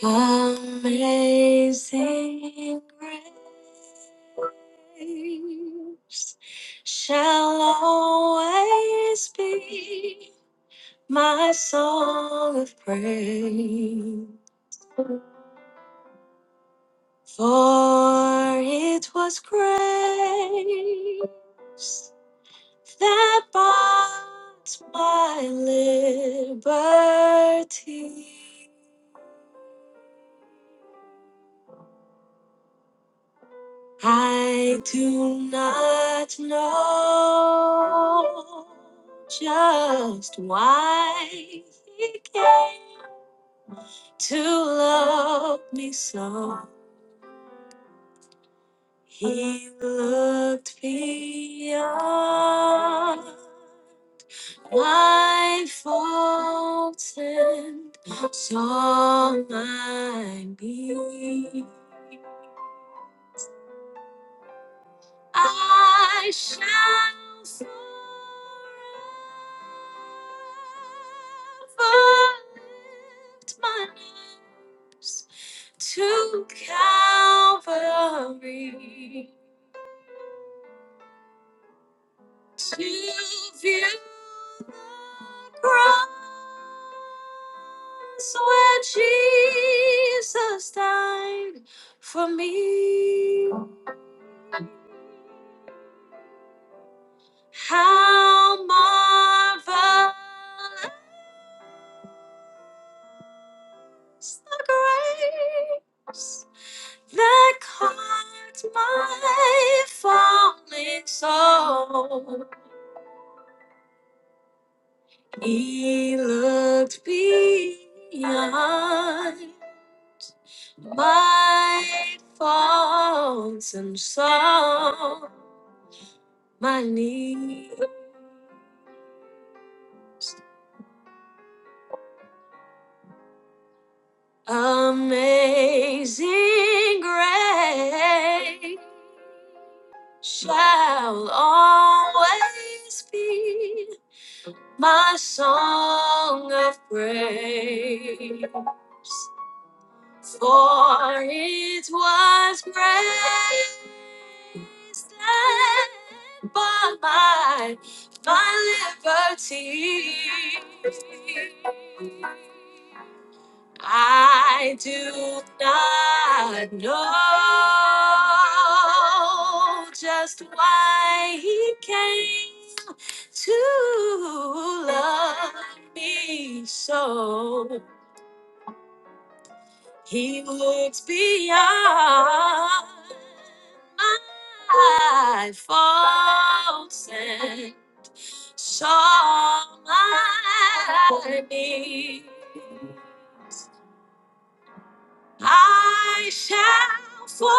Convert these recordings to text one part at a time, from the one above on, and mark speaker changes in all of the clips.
Speaker 1: Amazing grace shall always be my song of praise, for it was grace that bought my liberty. I do not know just why he came to love me so. He looked beyond my faults and saw my need. I shall forever lift my to Calvary to view the cross where Jesus died for me. How marvelous the grace! that caught my falling soul. He looked beyond my faults and saw my need. Amazing grace shall always be my song of praise. For it was grace that bought my, my liberty. I do not know just why he came to love me so. He looks beyond my faults and saw my need. I shall forever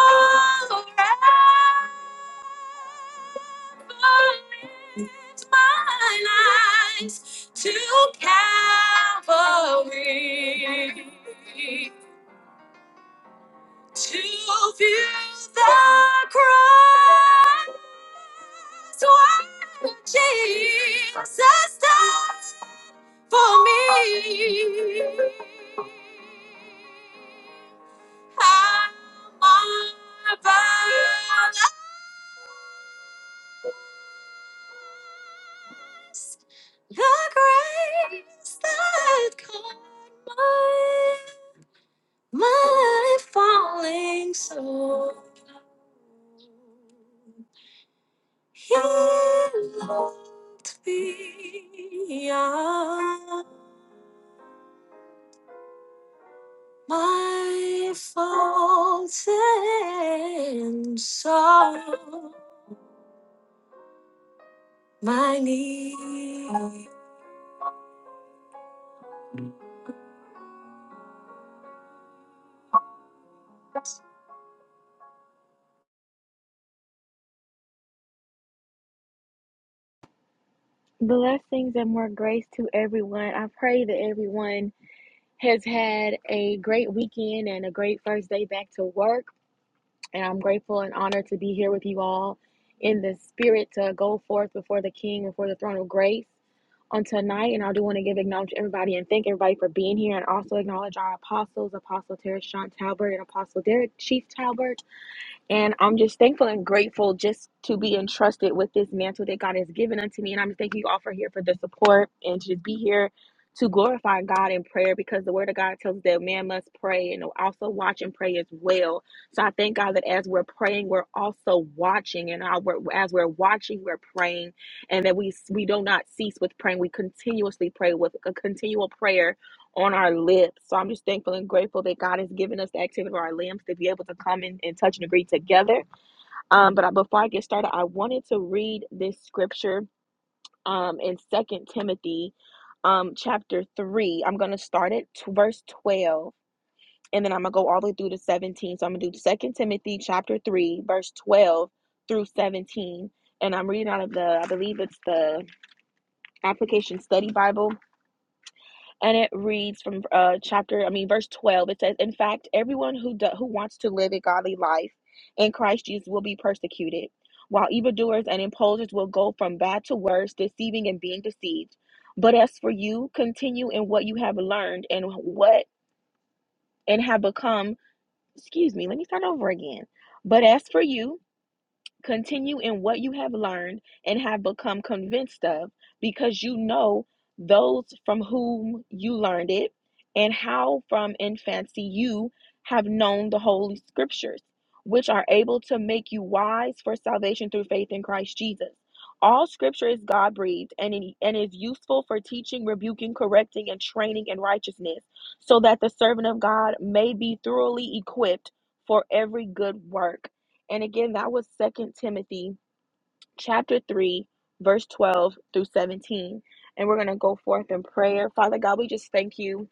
Speaker 1: lift my eyes to Calvary. to view the cross where Jesus died for me. How marvelous the grace that caught my, my falling soul. He loved me. My faults and sorrow, my need.
Speaker 2: Blessings and more grace to everyone. I pray that everyone has had a great weekend and a great first day back to work. And I'm grateful and honored to be here with you all in the spirit to go forth before the King, before the throne of grace on tonight. And I do want to give acknowledge everybody and thank everybody for being here and also acknowledge our apostles, Apostle Terry Sean Talbert and Apostle Derek Chief Talbert. And I'm just thankful and grateful just to be entrusted with this mantle that God has given unto me. And I'm thanking you all for here for the support and to just be here to glorify God in prayer because the word of God tells us that man must pray and also watch and pray as well. So I thank God that as we're praying, we're also watching, and our, as we're watching, we're praying, and that we we do not cease with praying. We continuously pray with a continual prayer on our lips. So I'm just thankful and grateful that God has given us the activity of our limbs to be able to come in and touch and agree together. Um, but I, before I get started, I wanted to read this scripture um, in Second Timothy um, chapter 3. I'm going to start at t- verse 12 and then I'm going to go all the way through to 17. So I'm going to do Second Timothy chapter 3, verse 12 through 17. And I'm reading out of the, I believe it's the Application Study Bible and it reads from uh chapter i mean verse 12 it says in fact everyone who do, who wants to live a godly life in christ jesus will be persecuted while evildoers and imposters will go from bad to worse deceiving and being deceived but as for you continue in what you have learned and what and have become excuse me let me start over again but as for you continue in what you have learned and have become convinced of because you know those from whom you learned it and how from infancy you have known the holy scriptures which are able to make you wise for salvation through faith in Christ Jesus all scripture is God breathed and it- and is useful for teaching rebuking correcting and training in righteousness so that the servant of God may be thoroughly equipped for every good work and again, that was Second Timothy chapter 3, verse 12 through 17. And we're going to go forth in prayer. Father God, we just thank you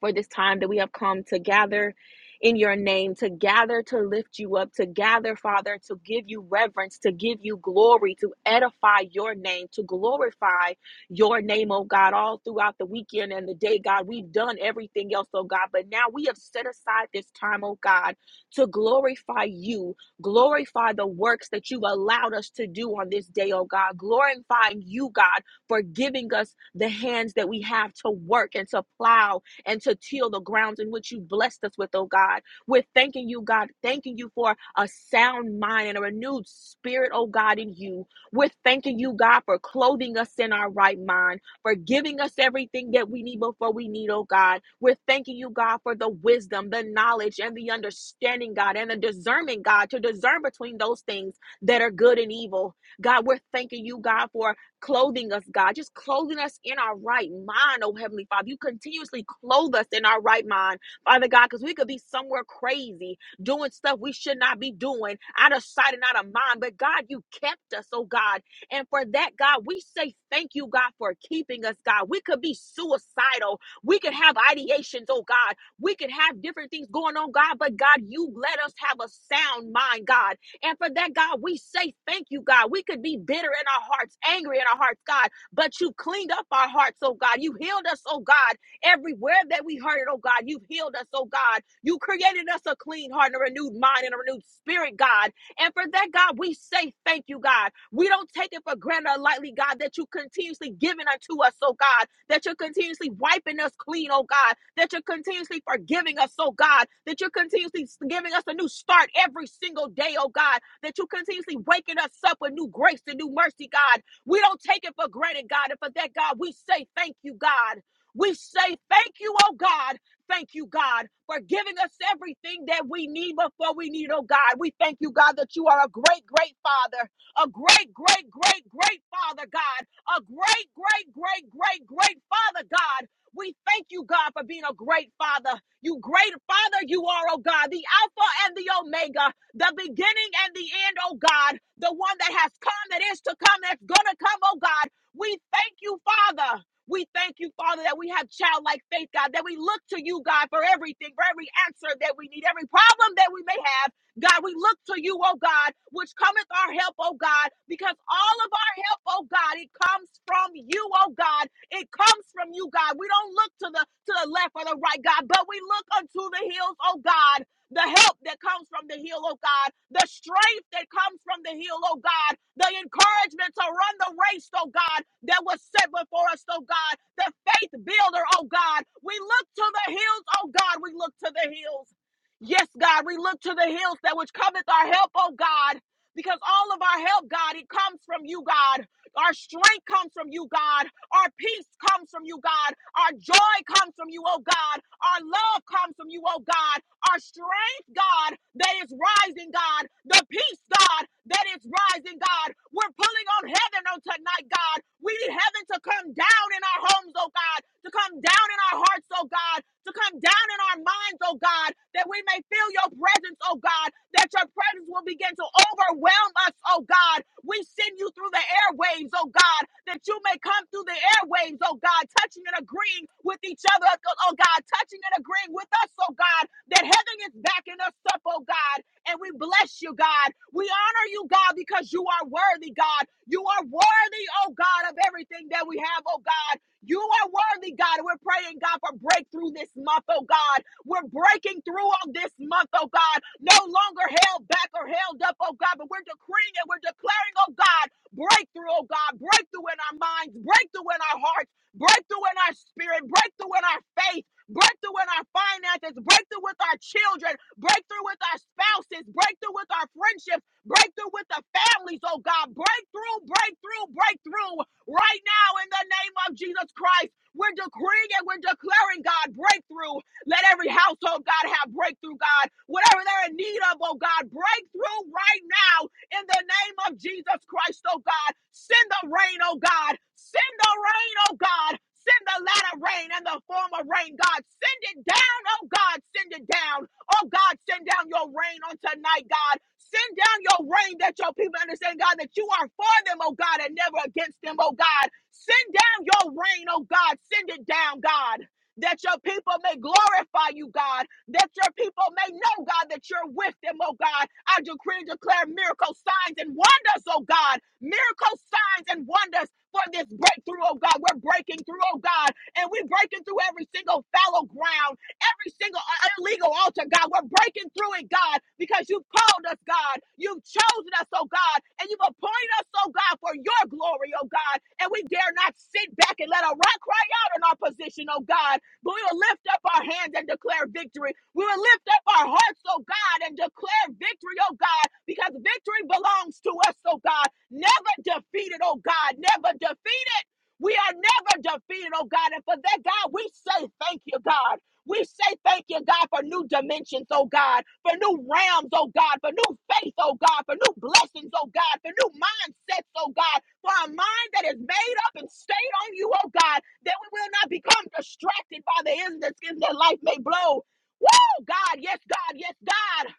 Speaker 2: for this time that we have come to gather in your name, to gather to lift you up, to gather, Father, to give you reverence, to give you glory, to edify your name, to glorify your name, oh God, all throughout the weekend and the day, God. We've done everything else, oh God, but now we have set aside this time, oh God, to glorify you, glorify the works that you've allowed us to do on this day, oh God, glorifying you, God, for giving us the hands that we have to work and to plow and to till the grounds in which you blessed us with, oh God. We're thanking you, God, thanking you for a sound mind and a renewed spirit, oh God, in you. We're thanking you, God, for clothing us in our right mind, for giving us everything that we need before we need, oh God. We're thanking you, God, for the wisdom, the knowledge, and the understanding, God, and the discernment, God, to discern between those things that are good and evil. God, we're thanking you, God, for clothing us, God, just clothing us in our right mind, oh Heavenly Father. You continuously clothe us in our right mind, Father God, because we could be somewhere crazy, doing stuff we should not be doing, out of sight and out of mind. But God, you kept us, oh God. And for that, God, we say thank you, God, for keeping us, God. We could be suicidal. We could have ideations, oh God. We could have different things going on, God, but God, you let us have a sound mind, God. And for that, God, we say thank you, God. We could be bitter in our hearts, angry in our hearts, God, but you cleaned up our hearts, oh God. You healed us, oh God. Everywhere that we hurt it, oh God, you healed us, oh God. You created us a clean heart and a renewed mind and a renewed spirit, God. And for that, God, we say thank you, God. We don't take it for granted or lightly, God, that you continuously giving unto us, oh God, that you're continuously wiping us clean, oh God, that you're continuously forgiving us, oh God, that you're continuously giving us a new start every single day, oh God, that you continuously waking us up with new grace and new mercy, God. We don't take it for granted, God. And for that, God, we say thank you, God. We say thank you, oh God. Thank you, God, for giving us everything that we need before we need, oh God. We thank you, God, that you are a great, great Father, a great, great, great, great Father, God, a great, great, great, great, great Father, God. We thank you, God, for being a great Father. You great Father, you are, oh God, the Alpha and the Omega, the beginning and the end, oh God, the one that has come, that is to come, that's going to come, oh God. We thank you, Father. We thank you, Father, that we have childlike faith, God, that we look to you, God, for everything, for every answer that we need, every problem that we may have. God, we look to you, oh God, which cometh our help, oh God, because all of our help, oh God, it comes from you, oh God. It comes from you, God. We don't look to the to the left or the right, God, but we look unto the hills, oh God the help that comes from the hill, oh God, the strength that comes from the hill, oh God, the encouragement to run the race, oh God, that was set before us, oh God, the faith builder, oh God. We look to the hills, oh God, we look to the hills. Yes, God, we look to the hills that which cometh our help, oh God, because all of our help, God, it comes from you, God. Our strength comes from you, God. Our peace comes from you, God. Our joy comes from you, oh God. Our love comes from you, oh God. Our strength, God, that is rising, God. The peace, God, that is rising, God. We're pulling on heaven on tonight, God. We need heaven to come down in our homes, oh God, to come down in our hearts, oh God, to come down in our minds, oh God, that we may feel your presence, oh God, that your presence will begin to overwhelm us, oh God. We send you through the airwaves, oh God, that you may come through the airwaves, oh God, touching and agreeing with each other, oh God, touching and agreeing with us, oh God, that heaven is backing us up, oh God, and we bless you, God. We honor you, God, because you are worthy, God. You are worthy, oh God, of everything that we have, oh God. You are worthy, God. We're praying, God, for breakthrough this month, oh God. We're breaking through on this month, oh God. No longer held back or held up, oh God, but we're decreeing and we're declaring, oh God, breakthrough, oh God, breakthrough in our minds, breakthrough in our hearts, breakthrough in our spirit, breakthrough in our faith, breakthrough in our finances, breakthrough with our children, breakthrough with our spouses, breakthrough with our friendships, breakthrough with the families, oh God, breakthrough, breakthrough, breakthrough right now in the name of Jesus Christ. We're decreeing and we're declaring, God, breakthrough, let every household, God, have breakthrough, God. Whatever they're in need of, oh God, breakthrough right now in the name of Jesus Christ, oh God. Send the rain, oh God. Send the rain, oh God. Send the latter rain and the former rain, God. Send it down, oh God. Send it down. Oh God, send down your rain on tonight, God. Send down your rain that your people understand, God, that you are for them, oh God, and never against them, oh God. Send down your rain, oh God. Send it down, God that your people may glorify you, God, that your people may know, God, that you're with them, oh God. I decree and declare miracle signs and wonders, oh God, miracle signs and wonders for this breakthrough, oh God. We're breaking through, oh God, and we're breaking through every single fallow ground, every single uh, illegal altar, God. We're breaking through it, God, because you've called us, God. You've chosen us, oh God, and you've appointed us, oh God, for your glory, oh God. And we dare not sit back and let a rock cry out in our position, oh God. But we will lift up our hands and declare victory. We will lift up our hearts, oh God, and declare victory, oh God, because victory belongs to us, oh God. Never defeated, oh God, never defeated. We are never defeated, oh God. And for that, God, we say thank you, God. We say thank you, God, for new dimensions, oh God, for new realms, oh God, for new faith, oh God, for new blessings, oh God, for new mindsets, oh God, for a mind that is made up and stayed on you, oh God, that we will not become distracted by the ends that skin that life may blow. Woo, God, yes, God, yes, God.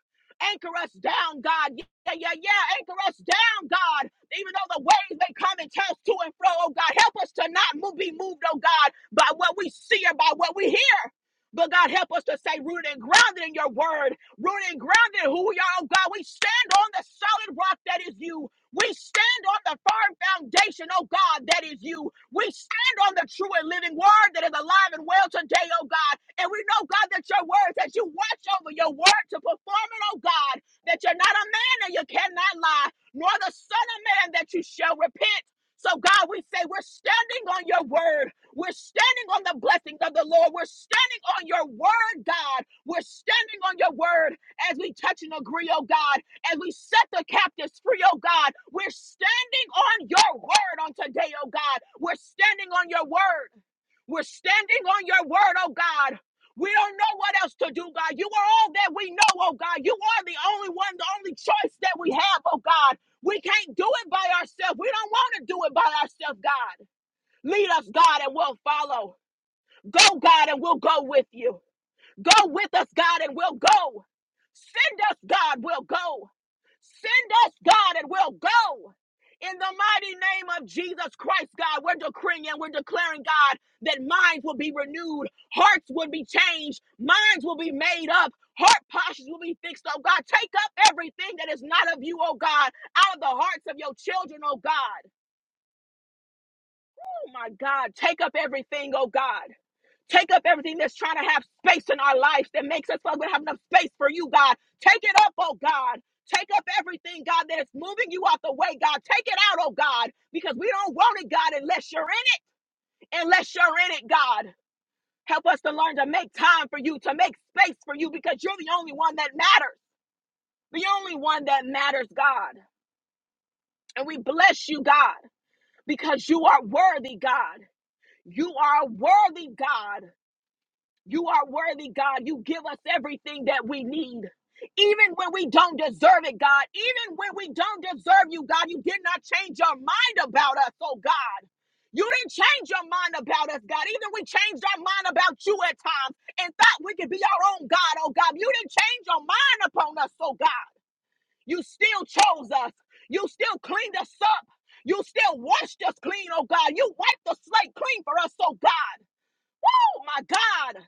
Speaker 2: Anchor us down, God. Yeah, yeah, yeah. Anchor us down, God. Even though the waves may come and toss to and fro, oh God, help us to not move, be moved, oh God, by what we see or by what we hear. But God, help us to stay rooted and grounded in your word, rooted and grounded in who we are, oh God. We stand on the solid rock that is you. We stand on the firm foundation, oh God, that is you. We stand on the true and living word that is alive and well today, oh God. And we know, God, that your word, that you watch over your word to perform it, oh God, that you're not a man and you cannot lie, nor the son of man that you shall repent. So, God, we say we're standing on your word. We're standing on the blessings of the Lord. We're standing on your word, God. We're standing on your word as we touch and agree, oh God, as we set the captives free, oh God. We're standing on your word on today, oh God. We're standing on your word. We're standing on your word, oh God. We don't know what else to do, God. You are all that we know, oh God. You are the only one, the only choice that we have, oh God. We can't do it by ourselves. We don't want to do it by ourselves, God. Lead us, God, and we'll follow. Go, God, and we'll go with you. Go with us, God, and we'll go. Send us, God, we'll go. Send us, God, and we'll go. In the mighty name of Jesus Christ, God, we're decreeing and we're declaring, God, that minds will be renewed, hearts will be changed, minds will be made up, heart postures will be fixed, oh God. Take up everything that is not of you, oh God, out of the hearts of your children, oh God. Oh my God, take up everything, oh God. Take up everything that's trying to have space in our lives that makes us feel like we don't have enough space for you, God. Take it up, oh God. Take up everything, God, that is moving you out the way, God. Take it out, oh God, because we don't want it, God, unless you're in it. Unless you're in it, God. Help us to learn to make time for you, to make space for you, because you're the only one that matters. The only one that matters, God. And we bless you, God, because you are worthy, God. You are a worthy, God. You are worthy, God. You give us everything that we need. Even when we don't deserve it, God. Even when we don't deserve you, God, you did not change your mind about us, oh God. You didn't change your mind about us, God. Even we changed our mind about you at times and thought we could be our own God, oh God. You didn't change your mind upon us, oh God. You still chose us. You still cleaned us up. You still washed us clean, oh God. You wiped the slate clean for us, oh God. Oh my God.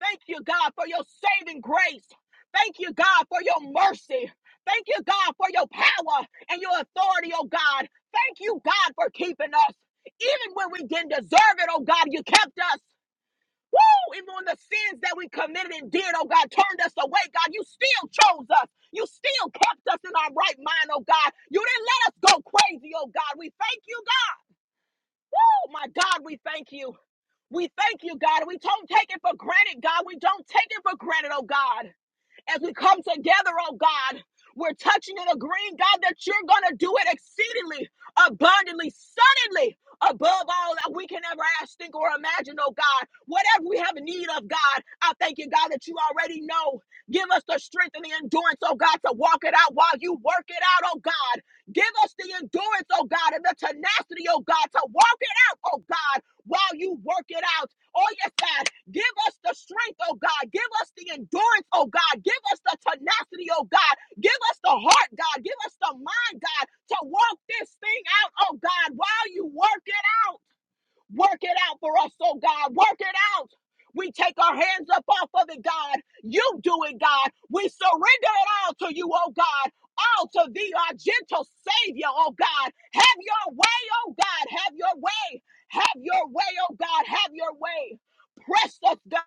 Speaker 2: Thank you, God, for your saving grace. Thank you, God, for your mercy. Thank you, God, for your power and your authority, oh God. Thank you, God, for keeping us. Even when we didn't deserve it, oh God, you kept us. Woo! Even when the sins that we committed and did, oh God, turned us away, God, you still chose us. You still kept us in our right mind, oh God. You didn't let us go crazy, oh God. We thank you, God. Oh my God, we thank you. We thank you, God. We don't take it for granted, God. We don't take it for granted, oh God as we come together, oh God. We're touching and agreeing, God, that you're going to do it exceedingly, abundantly, suddenly, above all that we can ever ask, think, or imagine, oh God. Whatever we have need of, God, I thank you, God, that you already know. Give us the strength and the endurance, oh God, to walk it out while you work it out, oh God. Give us the endurance, oh God, and the tenacity, oh God, to walk it out, oh God, while you work it out. Oh, yes, God. Give us the strength, oh God. Give us the endurance, oh God. Give us the tenacity, oh God. Give us the heart, God. Give us the mind, God, to walk this thing out, oh God, while you work it out. Work it out for us, oh God. Work it out. We take our hands up off of it, God. You do it, God. We surrender it all to you, oh God. All to thee, our gentle Savior, oh God. Have your way, oh God. Have your way. Have your way, oh God. Have your way. Press us, God.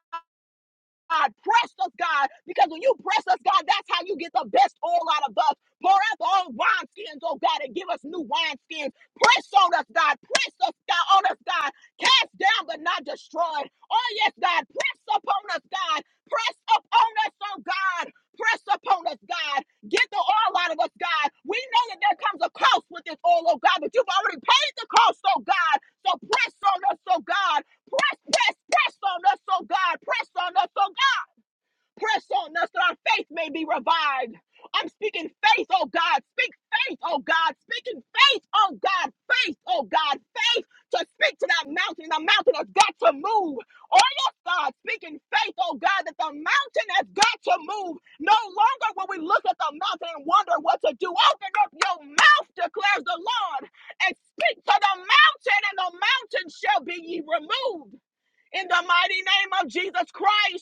Speaker 2: God. Press us, God, because when you press us, God, that's how you get the best oil out of us. Pour out the old wineskins, oh God, and give us new wineskins. Press on us, God. Press us, God, on us, God. Cast down but not destroyed. Oh, yes, God. Press upon us, God. Press upon us, oh God. Press upon us, God. Get the oil out of us, God. We know that there comes a cost with this oil, oh God, but you've already paid the cost, oh God. So press on us, oh God. Press, press, press on us, oh God. Press on us, oh Press on us that our faith may be revived. I'm speaking faith, oh God. Speak faith, oh God. Speaking faith, oh God. Faith, oh God. Faith to speak to that mountain. The mountain has got to move. Oh, yes, God. Speaking faith, oh God, that the mountain has got to move. No longer will we look at the mountain and wonder what to do. Open up your mouth, declares the Lord, and speak to the mountain, and the mountain shall be ye removed. In the mighty name of Jesus Christ.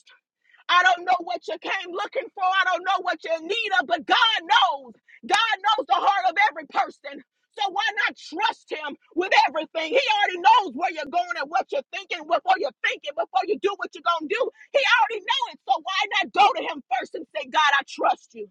Speaker 2: I don't know what you came looking for. I don't know what you're in need of, but God knows. God knows the heart of every person. So why not trust him with everything? He already knows where you're going and what you're thinking before you're thinking, before you do what you're going to do. He already knows it. So why not go to him first and say, God, I trust you.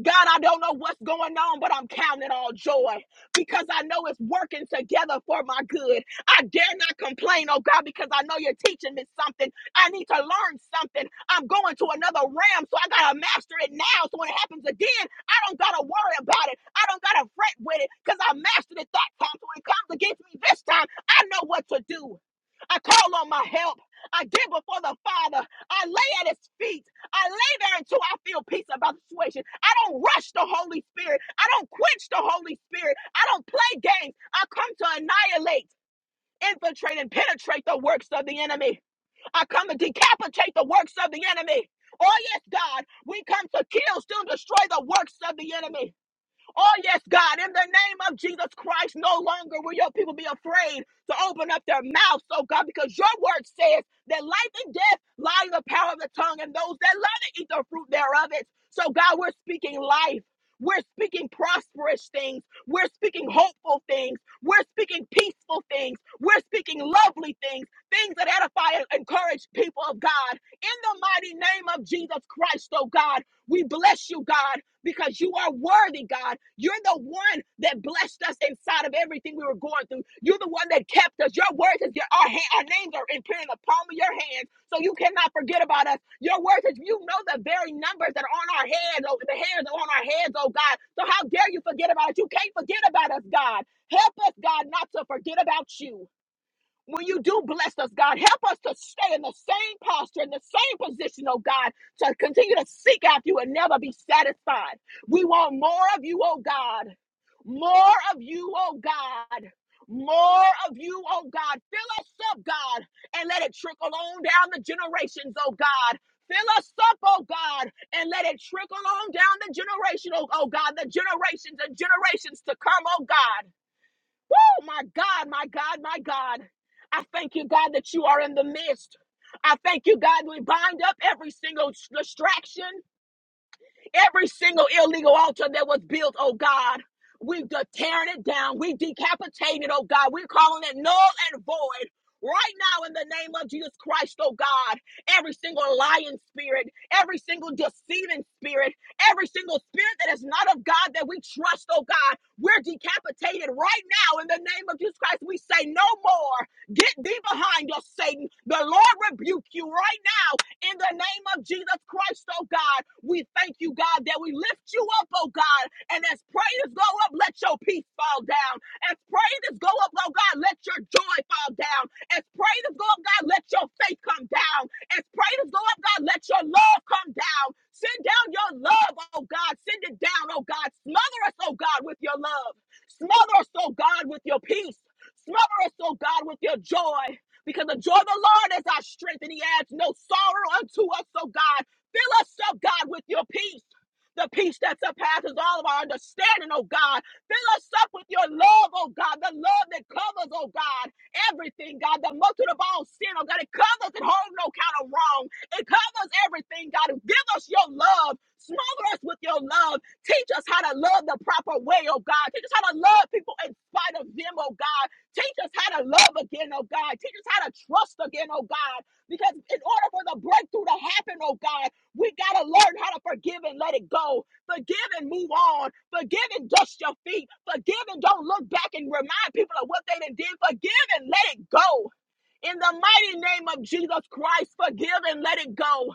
Speaker 2: God, I don't know what's going on, but I'm counting it all joy because I know it's working together for my good. I dare not complain, oh God, because I know you're teaching me something. I need to learn something. I'm going to another realm, so I got to master it now. So when it happens again, I don't got to worry about it. I don't got to fret with it because I mastered it that time. So when it comes against me this time, I know what to do. I call on my help. I give before the Father. I lay at his feet. I lay there until I feel peace about the situation. I don't rush the Holy Spirit. I don't quench the Holy Spirit. I don't play games. I come to annihilate, infiltrate, and penetrate the works of the enemy. I come to decapitate the works of the enemy. Oh, yes, God, we come to kill, still destroy the works of the enemy. Oh, yes, God, in the name of Jesus Christ, no longer will your people be afraid to open up their mouths, oh God, because your word says that life and death lie in the power of the tongue, and those that love it eat the fruit thereof it. So, God, we're speaking life. We're speaking prosperous things. We're speaking hopeful things. We're speaking peaceful things. We're speaking lovely things, things that edify and encourage people of God. In the mighty name of Jesus Christ, oh God, we bless you, God because you are worthy, God. You're the one that blessed us inside of everything we were going through. You're the one that kept us. Your word is your our, hand, our names are in the palm of your hands, so you cannot forget about us. Your word is you know the very numbers that are on our heads, oh, the hairs are on our heads, oh God. So how dare you forget about us? You can't forget about us, God. Help us, God, not to forget about you. When you do bless us, God, help us to stay in the same posture, in the same position, oh God, to continue to seek after you and never be satisfied. We want more of you, oh God. More of you, oh God. More of you, oh God. Fill us up, God, and let it trickle on down the generations, oh God. Fill us up, oh God, and let it trickle on down the generation, oh, oh God, the generations and generations to come, oh God. Woo, my God, my God, my God. I thank you, God, that you are in the midst. I thank you, God, we bind up every single distraction. Every single illegal altar that was built, oh God, we're de- tearing it down. We decapitating it, oh God. We're calling it null and void. Right now, in the name of Jesus Christ, oh God, every single lying spirit, every single deceiving spirit, every single spirit that is not of God that we trust, oh God, we're decapitated right now in the name of Jesus Christ. We say no more. Get thee behind us, Satan. The Lord rebuke you right now in the name of Jesus Christ, oh God, we thank you, God, that we lift you up, oh God. And as prayers go up, let your peace fall down. As prayers go up, oh God, let your joy fall down. As prayers go up, God, let your faith come down. As prayers go up, God, let your love come down. Send down your love, oh God. Send it down, oh God. Smother us, oh God, with your love. Smother us, oh God, with your peace. Smother us, oh God, with your joy because the joy of the Lord is our strength, and He adds no sorrow unto us. So, God, fill us up, God, with your peace. The peace that surpasses all of our understanding, oh God. Fill us up with your love, oh God. The love that covers, oh God, everything, God. The multitude of all sin, oh God. It covers and holds no count of wrong. It covers everything, God. Give us your love. Smother us with your love. Teach us how to love the proper way, oh God. Teach us how to love people in spite of them, oh God. Teach us how to love again, oh God. Teach us how to trust again, oh God. Because in order for the breakthrough to happen, oh God, we got to learn how to forgive and let it go. Forgive and move on. Forgive and dust your feet. Forgive and don't look back and remind people of what they done did. Forgive and let it go. In the mighty name of Jesus Christ, forgive and let it go.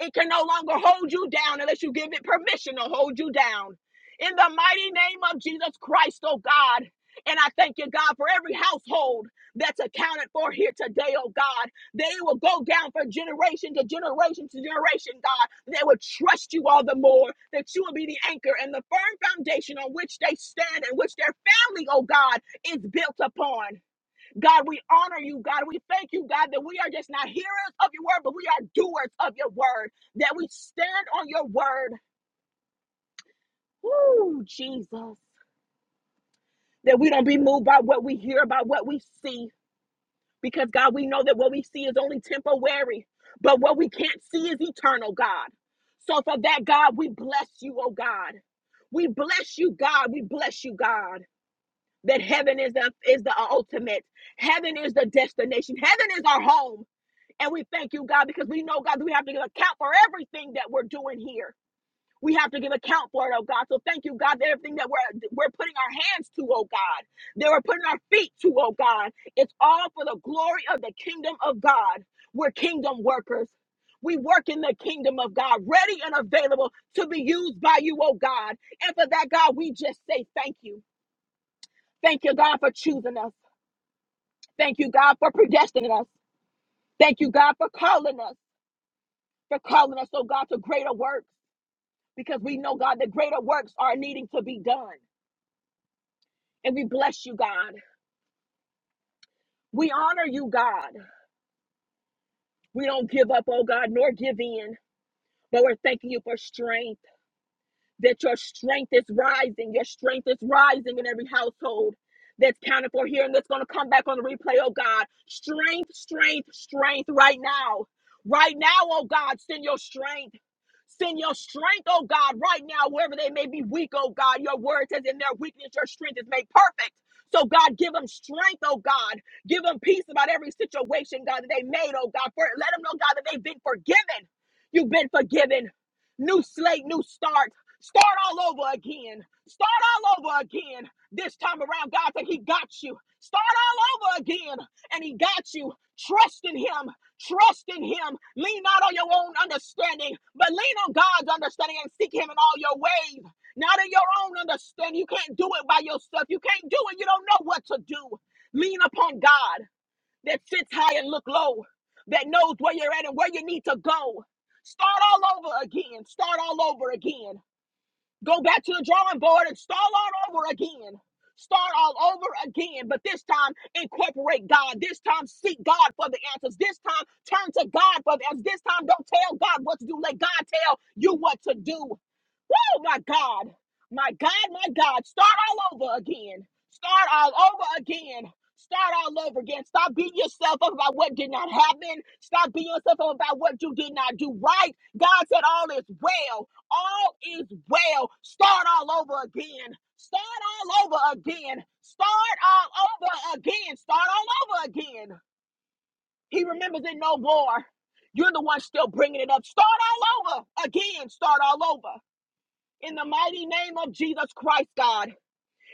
Speaker 2: It can no longer hold you down unless you give it permission to hold you down. In the mighty name of Jesus Christ, oh God. And I thank you, God, for every household that's accounted for here today, oh God. They will go down for generation to generation to generation, God. They will trust you all the more, that you will be the anchor and the firm foundation on which they stand and which their family, oh God, is built upon. God, we honor you. God, we thank you, God, that we are just not hearers of your word, but we are doers of your word, that we stand on your word. Woo, Jesus. That we don't be moved by what we hear, by what we see, because God, we know that what we see is only temporary, but what we can't see is eternal, God. So for that, God, we bless you, oh God. We bless you, God. We bless you, God. That heaven is the is the ultimate. Heaven is the destination. Heaven is our home. And we thank you, God, because we know, God, that we have to give account for everything that we're doing here. We have to give account for it, oh God. So thank you, God, that everything that we're we're putting our hands to, oh God, that we're putting our feet to, oh God. It's all for the glory of the kingdom of God. We're kingdom workers. We work in the kingdom of God, ready and available to be used by you, oh God. And for that, God, we just say thank you. Thank you, God, for choosing us. Thank you, God, for predestining us. Thank you, God, for calling us. for calling us, oh God, to greater works because we know, God, that greater works are needing to be done. And we bless you, God. We honor you, God. We don't give up, oh God, nor give in, but we're thanking you for strength. that your strength is rising. Your strength is rising in every household that's counted for here and that's going to come back on the replay, oh God. Strength, strength, strength right now. Right now, oh God, send your strength. Send your strength, oh God, right now, wherever they may be weak, oh God. Your word says in their weakness, your strength is made perfect. So, God, give them strength, oh God. Give them peace about every situation, God, that they made, oh God. For, let them know, God, that they've been forgiven. You've been forgiven. New slate, new start. Start all over again. Start all over again. This time around, God said He got you. Start all over again, and He got you. Trust in Him. Trust in Him. Lean not on your own understanding, but lean on God's understanding and seek Him in all your ways. Not in your own understanding. You can't do it by yourself. You can't do it. You don't know what to do. Lean upon God that sits high and look low, that knows where you're at and where you need to go. Start all over again. Start all over again. Go back to the drawing board and start all over again. Start all over again, but this time incorporate God. This time seek God for the answers. This time turn to God for the answers. This time don't tell God what to do. Let God tell you what to do. Oh my God. My God, my God. Start all over again. Start all over again. Start all over again. Stop beating yourself up about what did not happen. Stop beating yourself up about what you did not do right. God said, All is well. All is well. Start all over again. Start all over again. Start all over again. Start all over again. He remembers it no more. You're the one still bringing it up. Start all over again. Start all over. In the mighty name of Jesus Christ, God.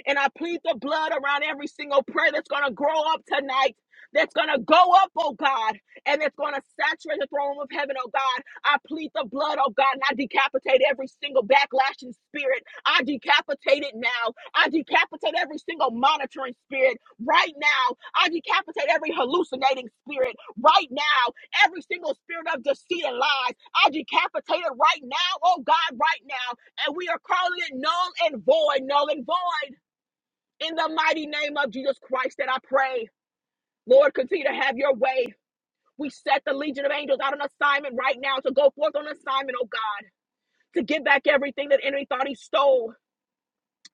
Speaker 2: And I plead the blood around every single prayer that's going to grow up tonight, that's going to go up, oh God, and that's going to saturate the throne of heaven, oh God. I plead the blood, oh God, and I decapitate every single backlashing spirit. I decapitate it now. I decapitate every single monitoring spirit right now. I decapitate every hallucinating spirit right now. Every single spirit of deceit and lies, I decapitate it right now, oh God, right now. And we are calling it null and void, null and void. In the mighty name of Jesus Christ that I pray, Lord, continue to have your way. We set the legion of angels out on assignment right now to go forth on assignment, oh God, to get back everything that enemy thought he stole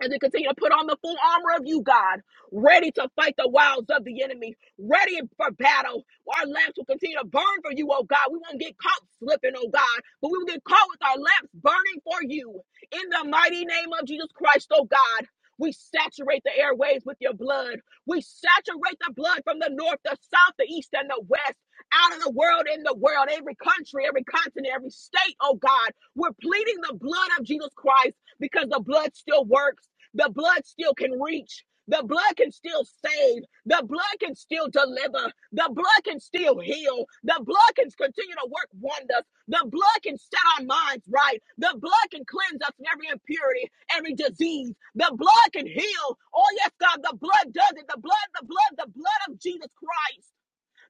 Speaker 2: as we continue to put on the full armor of you, God, ready to fight the wiles of the enemy, ready for battle. Our lamps will continue to burn for you, oh God. We won't get caught slipping, oh God, but we will get caught with our lamps burning for you. In the mighty name of Jesus Christ, oh God. We saturate the airways with your blood. We saturate the blood from the north, the south, the east, and the west, out of the world, in the world, every country, every continent, every state, oh God. We're pleading the blood of Jesus Christ because the blood still works. The blood still can reach. The blood can still save. The blood can still deliver. The blood can still heal. The blood can continue to work wonders. The blood can set our minds right. The blood can cleanse us from every impurity, every disease. The blood can heal. Oh, yes, God, the blood does it. The blood, the blood, the blood of Jesus Christ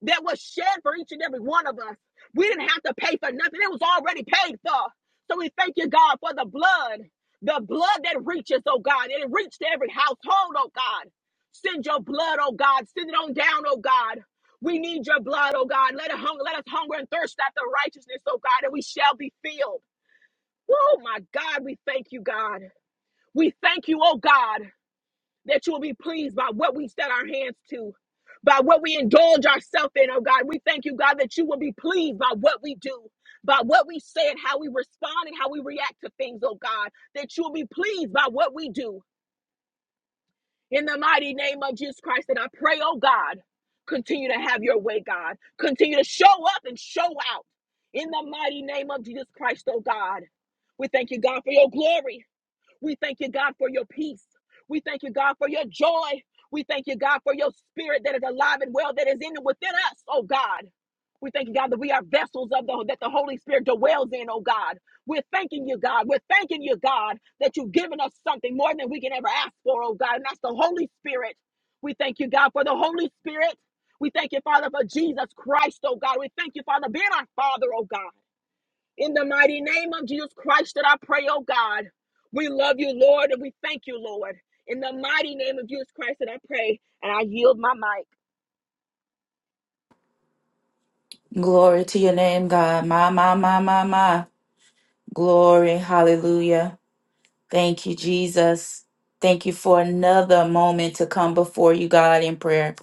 Speaker 2: that was shed for each and every one of us. We didn't have to pay for nothing, it was already paid for. So we thank you, God, for the blood, the blood that reaches, oh God, and it reached every household, oh God. Send your blood, oh God, send it on down, oh God. We need your blood, oh God. Let, it hung, let us hunger and thirst after righteousness, oh God, and we shall be filled. Oh my God, we thank you, God. We thank you, oh God that you will be pleased by what we set our hands to, by what we indulge ourselves in, oh God. We thank you, God, that you will be pleased by what we do, by what we say and how we respond and how we react to things, oh God, that you will be pleased by what we do. In the mighty name of Jesus Christ, and I pray, oh God, continue to have your way, God. Continue to show up and show out. In the mighty name of Jesus Christ, oh God. We thank you, God, for your glory. We thank you, God, for your peace. We thank you, God, for your joy. We thank you, God, for your spirit that is alive and well, that is in and within us, oh God. We thank you, God, that we are vessels of the that the Holy Spirit dwells in, oh God. We're thanking you, God. We're thanking you, God, that you've given us something more than we can ever ask for, oh God. And that's the Holy Spirit. We thank you, God, for the Holy Spirit. We thank you, Father, for Jesus Christ, oh God. We thank you, Father, being our Father, oh God. In the mighty name of Jesus Christ that I pray, oh God. We love you, Lord, and we thank you, Lord. In the mighty name of Jesus Christ that I pray, and I yield my mic.
Speaker 1: Glory to your name, God. My, my, my, my, my. Glory. Hallelujah. Thank you, Jesus. Thank you for another moment to come before you, God, in prayer.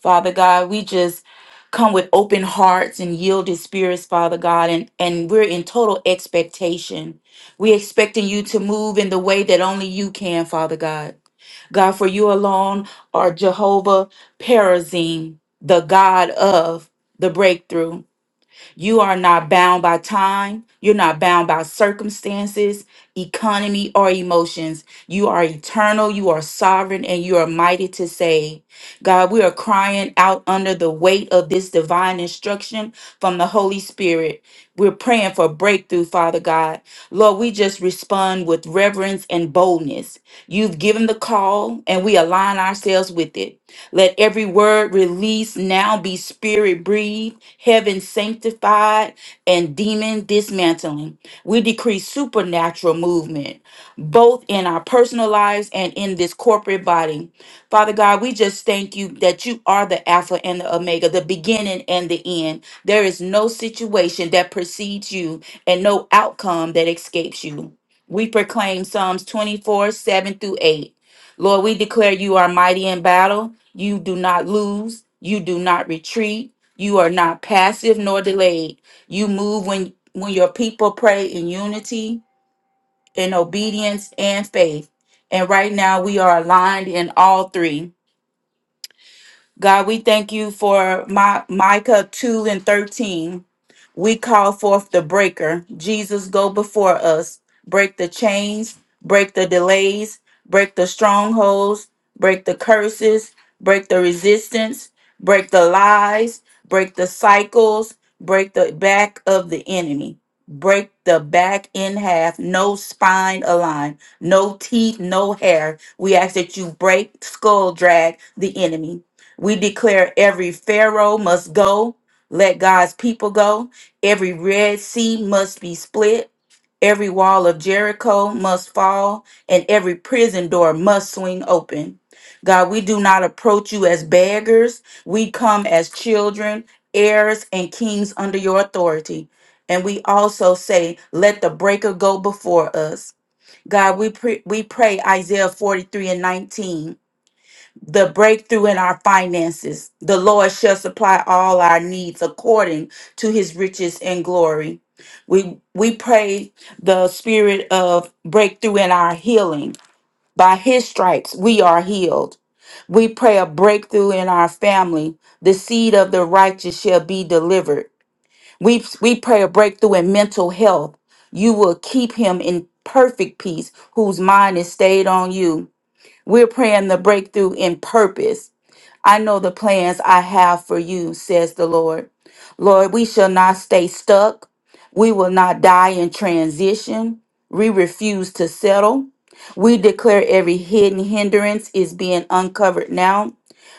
Speaker 1: Father God, we just come with open hearts and yielded spirits, Father God, and, and we're in total expectation. We're expecting you to move in the way that only you can, Father God. God, for you alone are Jehovah Perazim, the God of the breakthrough. You are not bound by time. You're not bound by circumstances, economy, or emotions. You are eternal. You are sovereign and you are mighty to save. God, we are crying out under the weight of this divine instruction from the Holy Spirit. We're praying for breakthrough, Father God. Lord, we just respond with reverence and boldness. You've given the call and we align ourselves with it. Let every word released now be spirit breathed, heaven sanctified, and demon dismantling. We decree supernatural movement, both in our personal lives and in this corporate body. Father God, we just thank you that you are the Alpha and the Omega, the beginning and the end. There is no situation that precedes you and no outcome that escapes you. We proclaim Psalms 24 7 through 8. Lord, we declare you are mighty in battle. You do not lose. You do not retreat. You are not passive nor delayed. You move when when your people pray in unity, in obedience, and faith. And right now we are aligned in all three. God, we thank you for my Micah 2 and 13. We call forth the breaker. Jesus, go before us. Break the chains, break the delays, break the strongholds, break the curses, break the resistance, break the lies, break the cycles, break the back of the enemy. Break the back in half, no spine aligned, no teeth, no hair. We ask that you break, skull drag the enemy. We declare every Pharaoh must go, let God's people go. Every Red Sea must be split, every wall of Jericho must fall, and every prison door must swing open. God, we do not approach you as beggars, we come as children, heirs, and kings under your authority. And we also say, let the breaker go before us. God, we, pre- we pray Isaiah 43 and 19 the breakthrough in our finances. The Lord shall supply all our needs according to his riches and glory. We we pray the spirit of breakthrough in our healing. By his stripes we are healed. We pray a breakthrough in our family. The seed of the righteous shall be delivered. We we pray a breakthrough in mental health. You will keep him in perfect peace whose mind is stayed on you. We're praying the breakthrough in purpose. I know the plans I have for you, says the Lord. Lord, we shall not stay stuck. We will not die in transition. We refuse to settle. We declare every hidden hindrance is being uncovered now.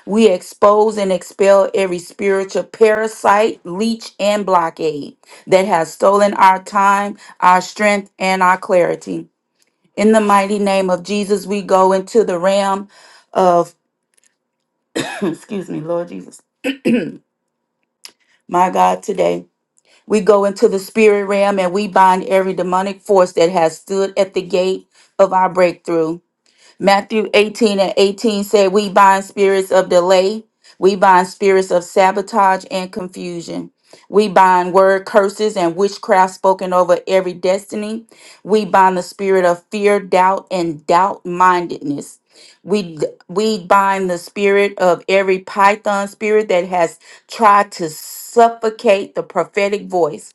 Speaker 1: We expose and expel every spiritual parasite, leech, and blockade that has stolen our time, our strength, and our clarity. In the mighty name of Jesus, we go into the realm of, excuse me, Lord Jesus my God, today. We go into the spirit realm and we bind every demonic force that has stood at the gate of our breakthrough. Matthew 18 and 18 said, We bind spirits of delay, we bind spirits of sabotage and confusion. We bind word curses and witchcraft spoken over every destiny. We bind the spirit of fear, doubt, and doubt mindedness. We we bind the spirit of every python spirit that has tried to suffocate the prophetic voice.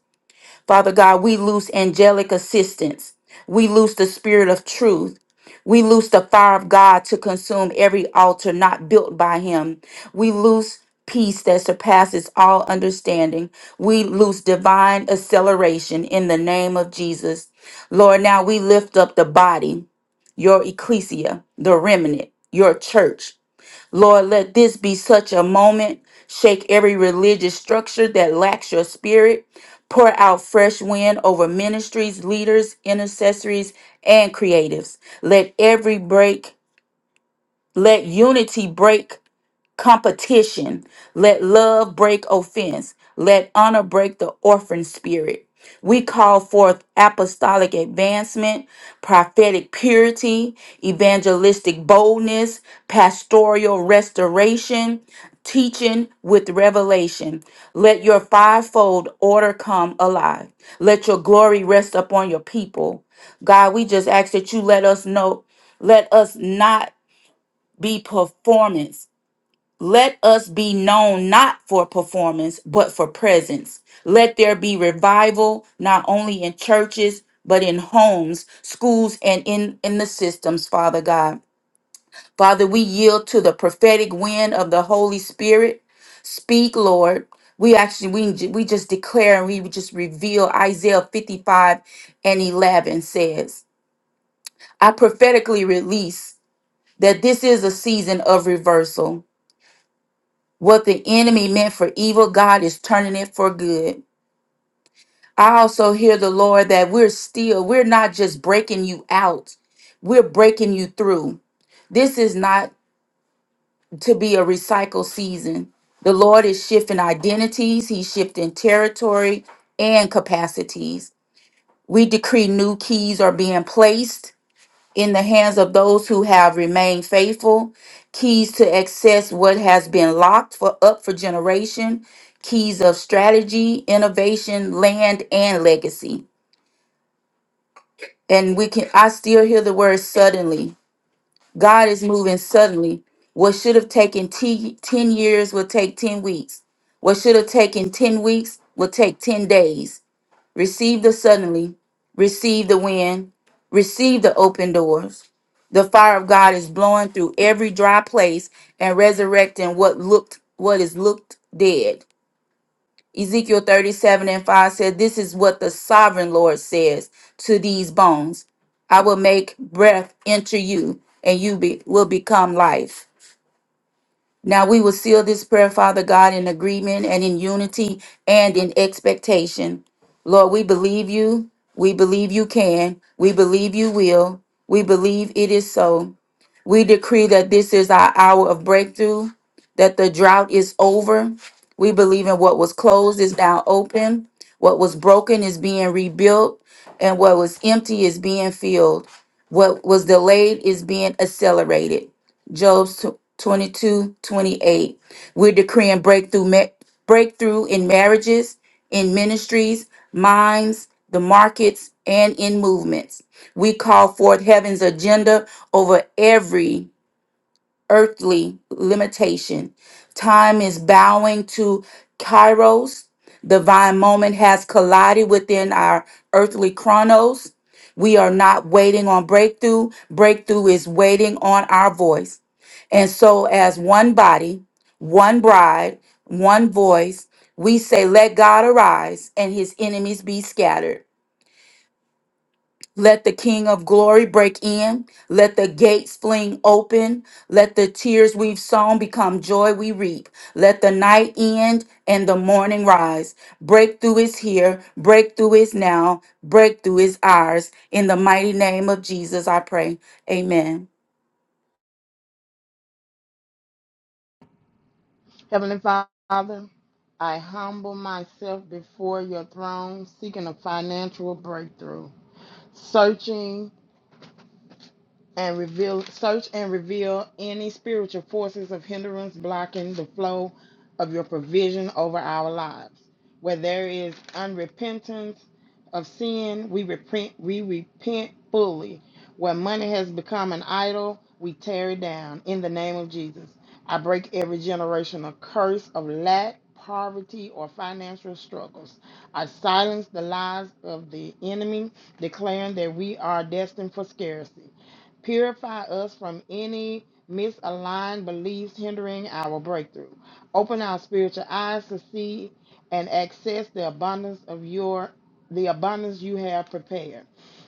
Speaker 1: Father God, we loose angelic assistance. We loose the spirit of truth. We loose the fire of God to consume every altar not built by him. We loose peace that surpasses all understanding. We loose divine acceleration in the name of Jesus. Lord, now we lift up the body, your ecclesia, the remnant, your church. Lord, let this be such a moment. Shake every religious structure that lacks your spirit. Pour out fresh wind over ministries, leaders, intercessories, and creatives. Let every break, let unity break competition. Let love break offense. Let honor break the orphan spirit. We call forth apostolic advancement, prophetic purity, evangelistic boldness, pastoral restoration, teaching with revelation. Let your fivefold order come alive. Let your glory rest upon your people. God, we just ask that you let us know, let us not be performance let us be known not for performance, but for presence. Let there be revival, not only in churches, but in homes, schools, and in, in the systems, Father God. Father, we yield to the prophetic wind of the Holy Spirit. Speak, Lord. We actually, we, we just declare and we just reveal Isaiah 55 and 11 says, I prophetically release that this is a season of reversal What the enemy meant for evil, God is turning it for good. I also hear the Lord that we're still, we're not just breaking you out, we're breaking you through. This is not to be a recycle season. The Lord is shifting identities, He's shifting territory and capacities. We decree new keys are being placed in the hands of those who have remained faithful, keys to access what has been locked for up for generation, keys of strategy, innovation, land, and legacy. And we can I still hear the word suddenly. God is moving suddenly. What should have taken t- 10 years will take 10 weeks. What should have taken 10 weeks will take 10 days. Receive the suddenly, receive the wind, receive the open doors. The fire of God is blowing through every dry place and resurrecting what looked what is looked dead. Ezekiel 37 and 5 said, This is what the sovereign Lord says to these bones. I will make breath enter you, and you be, will become life. Now we will seal this prayer, Father God, in agreement and in unity and in expectation. Lord, we believe you. We believe you can. We believe you will. We believe it is so. We decree that this is our hour of breakthrough, that the drought is over. We believe in what was closed is now open, what was broken is being rebuilt, and what was empty is being filled. What was delayed is being accelerated. Job twenty We're decreeing breakthrough, ma- breakthrough in marriages, in ministries, minds, the markets, and in movements. We call forth heaven's agenda over every earthly limitation. Time is bowing to kairos. Divine moment has collided within our earthly chronos. We are not waiting on breakthrough. Breakthrough is waiting on our voice. And so, as one body, one bride, one voice, we say, Let God arise and his enemies be scattered. Let the King of glory break in. Let the gates fling open. Let the tears we've sown become joy we reap. Let the night end and the morning rise. Breakthrough is here. Breakthrough is now. Breakthrough is ours. In the mighty name of Jesus, I pray. Amen.
Speaker 3: Heavenly Father, I humble myself before your throne seeking a financial breakthrough, searching and reveal search and reveal any spiritual forces of hindrance blocking the flow of your provision over our lives. Where there is unrepentance of sin, we repent we repent fully. Where money has become an idol, we tear it down in the name of Jesus. I break every generational curse of lack, poverty, or financial struggles. I silence the lies of the enemy, declaring that we are destined for scarcity. Purify us from any misaligned beliefs hindering our breakthrough. Open our spiritual eyes to see and access the abundance of your the abundance you have prepared.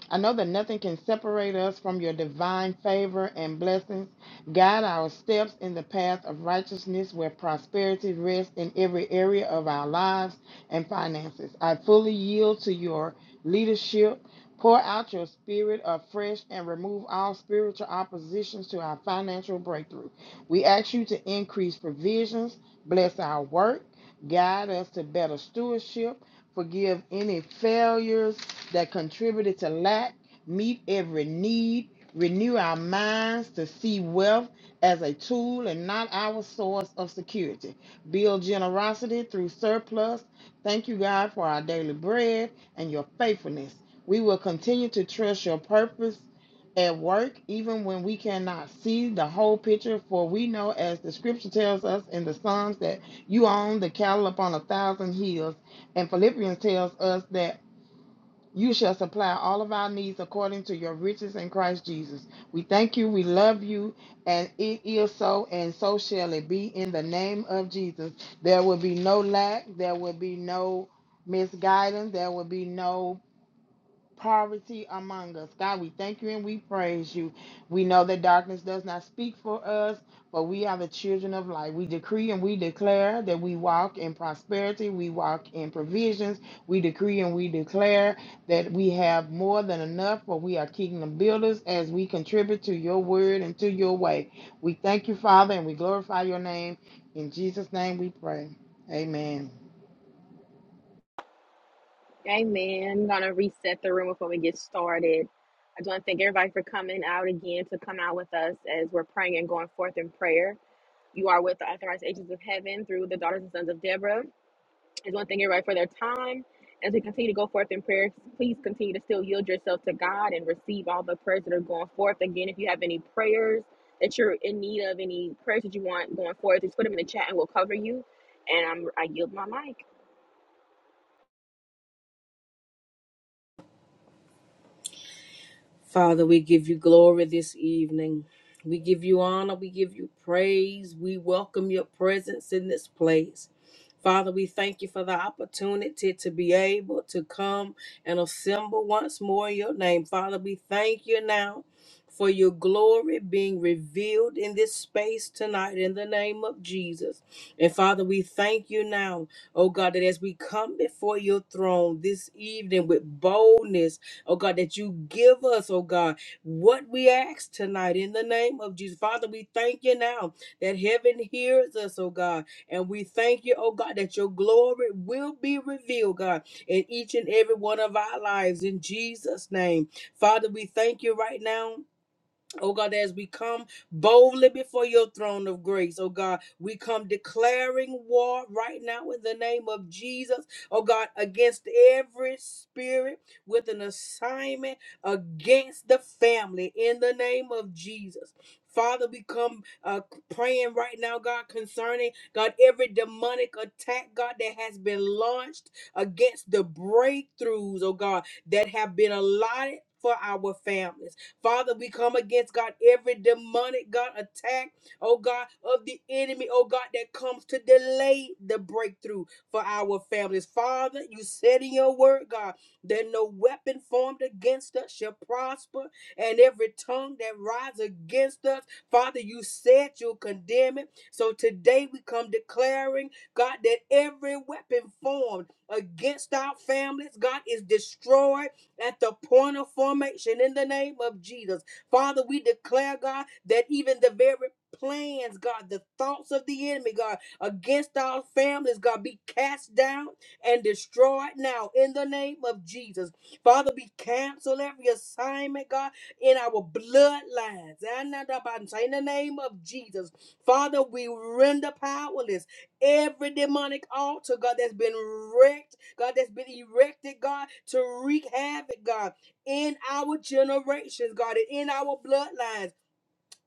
Speaker 3: I know that nothing can separate us from your divine favor and blessings. Guide our steps in the path of righteousness where prosperity rests in every area of our lives and finances. I fully yield to your leadership Pour out your spirit afresh and remove all spiritual oppositions to our financial breakthrough. We ask you to increase provisions, bless our work, guide us to better stewardship, forgive any failures that contributed to lack, meet every need, renew our minds to see wealth as a tool and not our source of security. Build generosity through surplus. Thank you, God, for our daily bread and your faithfulness. We will continue to trust your purpose at work, even when we cannot see the whole picture. For we know, as the scripture tells us in the Psalms, that you own the cattle upon a thousand hills. And Philippians tells us that you shall supply all of our needs according to your riches in Christ Jesus. We thank you, we love you, and it is so, and so shall it be in the name of Jesus. There will be no lack, there will be no misguidance, there will be no poverty among us. God, we thank you and we praise you. We know that darkness does not speak for us, but we are the children of light. We decree and we declare that we walk in prosperity, we walk in provisions. We decree and we declare that we have more than enough, for we are kingdom builders as we contribute to your word and to your way. We thank you, Father, and we glorify your name. In Jesus' name we pray. Amen.
Speaker 2: Amen. I'm gonna reset the room before we get started. I just want to thank everybody for coming out again to come out with us as we're praying and going forth in prayer. You are with the authorized agents of heaven through the daughters and sons of Deborah. There's one thing you're right for their time. As we continue to go forth in prayer, please continue to still yield yourself to God and receive all the prayers that are going forth. Again, if you have any prayers that you're in need of, any prayers that you want going forth, just put them in the chat and we'll cover you. And I'm, I yield my mic.
Speaker 4: Father, we give you glory this evening. We give you honor. We give you praise. We welcome your presence in this place. Father, we thank you for the opportunity to be able to come and assemble once more in your name. Father, we thank you now for your glory being revealed in this space tonight in the name of Jesus. And Father, we thank you now, oh God, that as we come before your throne this evening with boldness oh God, that you give us, oh God, what we ask tonight in the name of Jesus. Father, we thank you now that heaven hears us, oh God, and we thank you, oh God, that your glory will be revealed, God, in each and every one of our lives in Jesus' name. Father, we thank you right now Oh God, as we come boldly before your throne of grace, oh God, we come declaring war right now in the name of Jesus, oh God, against every spirit with an assignment against the family in the name of Jesus. Father, we come uh, praying right now, God, concerning God every demonic attack, God, that has been launched against the breakthroughs, oh God, that have been allotted for our families. Father, we come against God every demonic God attack, oh God, of the enemy, oh God, that comes to delay the breakthrough for our families. Father, you said in your word, God, that no weapon formed against us shall prosper, and every tongue that rises against us, Father, you said you'll condemn it. So today we come declaring, God, that every weapon formed against our families, God, is destroyed at the point of formation in the name of Jesus. Father, we declare, God, that even the very plans, God, the thoughts of the enemy, God, against our families, God, be cast down and destroyed now in the name of Jesus. Father, we cancel every assignment, God, in our bloodlines. In the name of Jesus. Father, we render powerless Every demonic altar, God, that's been wrecked, God, that's been erected, God, to wreak havoc, God, in our generations, God, and in our bloodlines.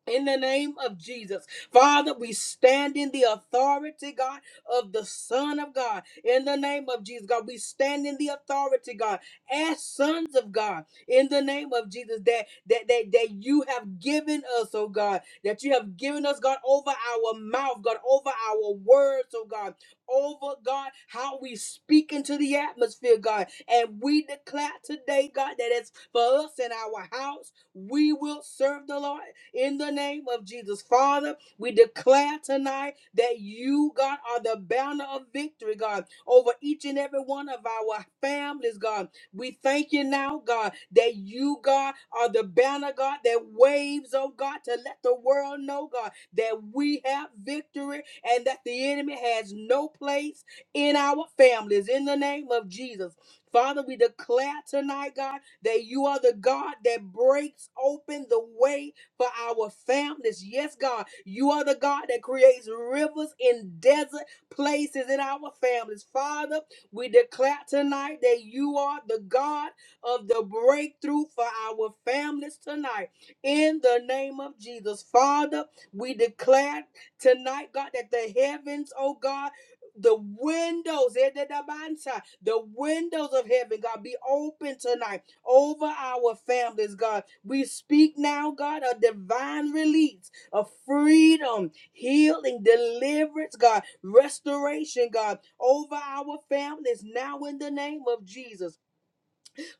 Speaker 4: In the name of Jesus. Father, we stand in the authority, God, of the Son of God. In the name of Jesus, God, we stand in the authority, God, as sons of God. In the name of Jesus, that that that, that you have given us, oh God, that you have given us, God, over our mouth, God, over our words, oh God, over God, how we speak into the atmosphere, God. And we declare today, God, that it's for us in our house, we will serve the Lord in the name of Jesus. Father, we declare tonight that you, God, are the banner of victory, God, over each and every one of our families, God. We thank you now, God, that you, God, are the banner, God, that waves, oh God, to let the world know, God, that we have victory and that the enemy has no place in our families. In the name of Jesus. Father, we declare tonight, God, that you are the God that breaks open the way for our families. Yes, God, you are the God that creates rivers in desert places in our families. Father, we declare tonight that you are the God of the breakthrough for our families tonight. In the name of Jesus, Father, we declare tonight, God, that the heavens, oh God, the windows, eh, da, da, ba, and sa- the windows of heaven, God, be open tonight over our families, God. We speak now, God, a divine release, a freedom, healing, deliverance, God, restoration, God, over our families now in the name of Jesus.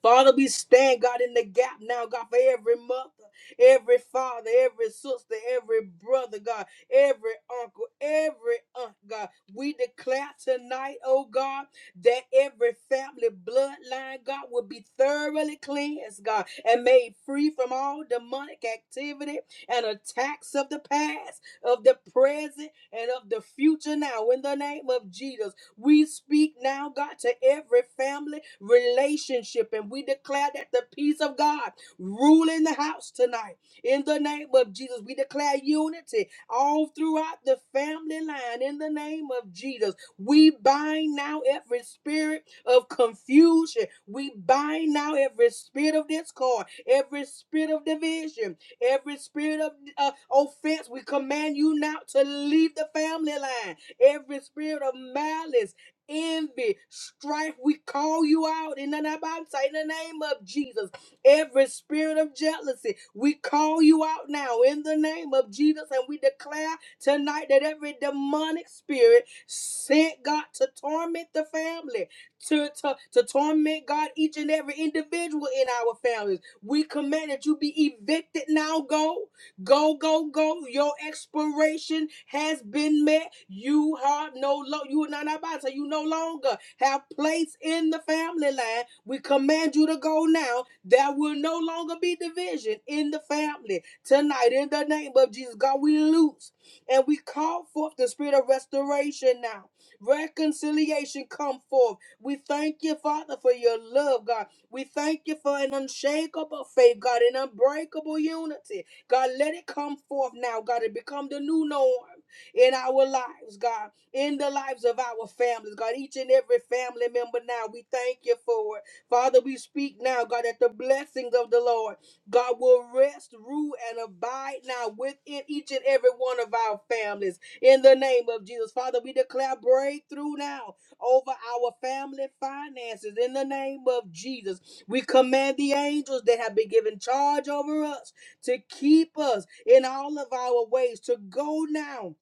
Speaker 4: Father, we stand, God, in the gap now, God, for every mother, every father, every sister, every brother, God, every uncle, every aunt, God. We declare tonight, oh God, that every family bloodline, God, will be thoroughly cleansed, God, and made free from all demonic activity and attacks of the past, of the present, and of the future now, in the name of Jesus. We speak now, God, to every family relationship, and we declare that the peace of God rule in the house tonight. In the name of Jesus, we declare unity all throughout the family line. In the name of Jesus, we bind now every spirit of confusion. We bind now every spirit of discord, every spirit of division, every spirit of uh, offense. We command you now to leave the family line every spirit of malice, envy, strife, we call you out in the in the name of Jesus. Every spirit of jealousy, we call you out now in the name of Jesus, and we declare tonight that every demonic spirit sent God to torment the family, to, to, to torment God, each and every individual in our families. We command that you be evicted now, go. Go, go, go. Your expiration has been met. You are no longer, you are not about to, you no longer have place in the family line. We command you to go now. There will no longer be division in the family tonight. In the name of Jesus, God, we loose and we call forth the spirit of restoration now. Reconciliation come forth. We thank you, Father, for your love, God. We thank you for an unshakable faith, God, an unbreakable unity. God, let it come forth now, God, and become the new norm in our lives, God, in the lives of our families, God, each and every family member now. We thank you for it. Father, we speak now, God, that the blessings of the Lord, God, will rest, rule, and abide now within each and every one of our families. In the name of Jesus, Father, we declare breakthrough now over our family finances. In the name of Jesus, we command the angels that have been given charge over us to keep us in all of our ways, to go now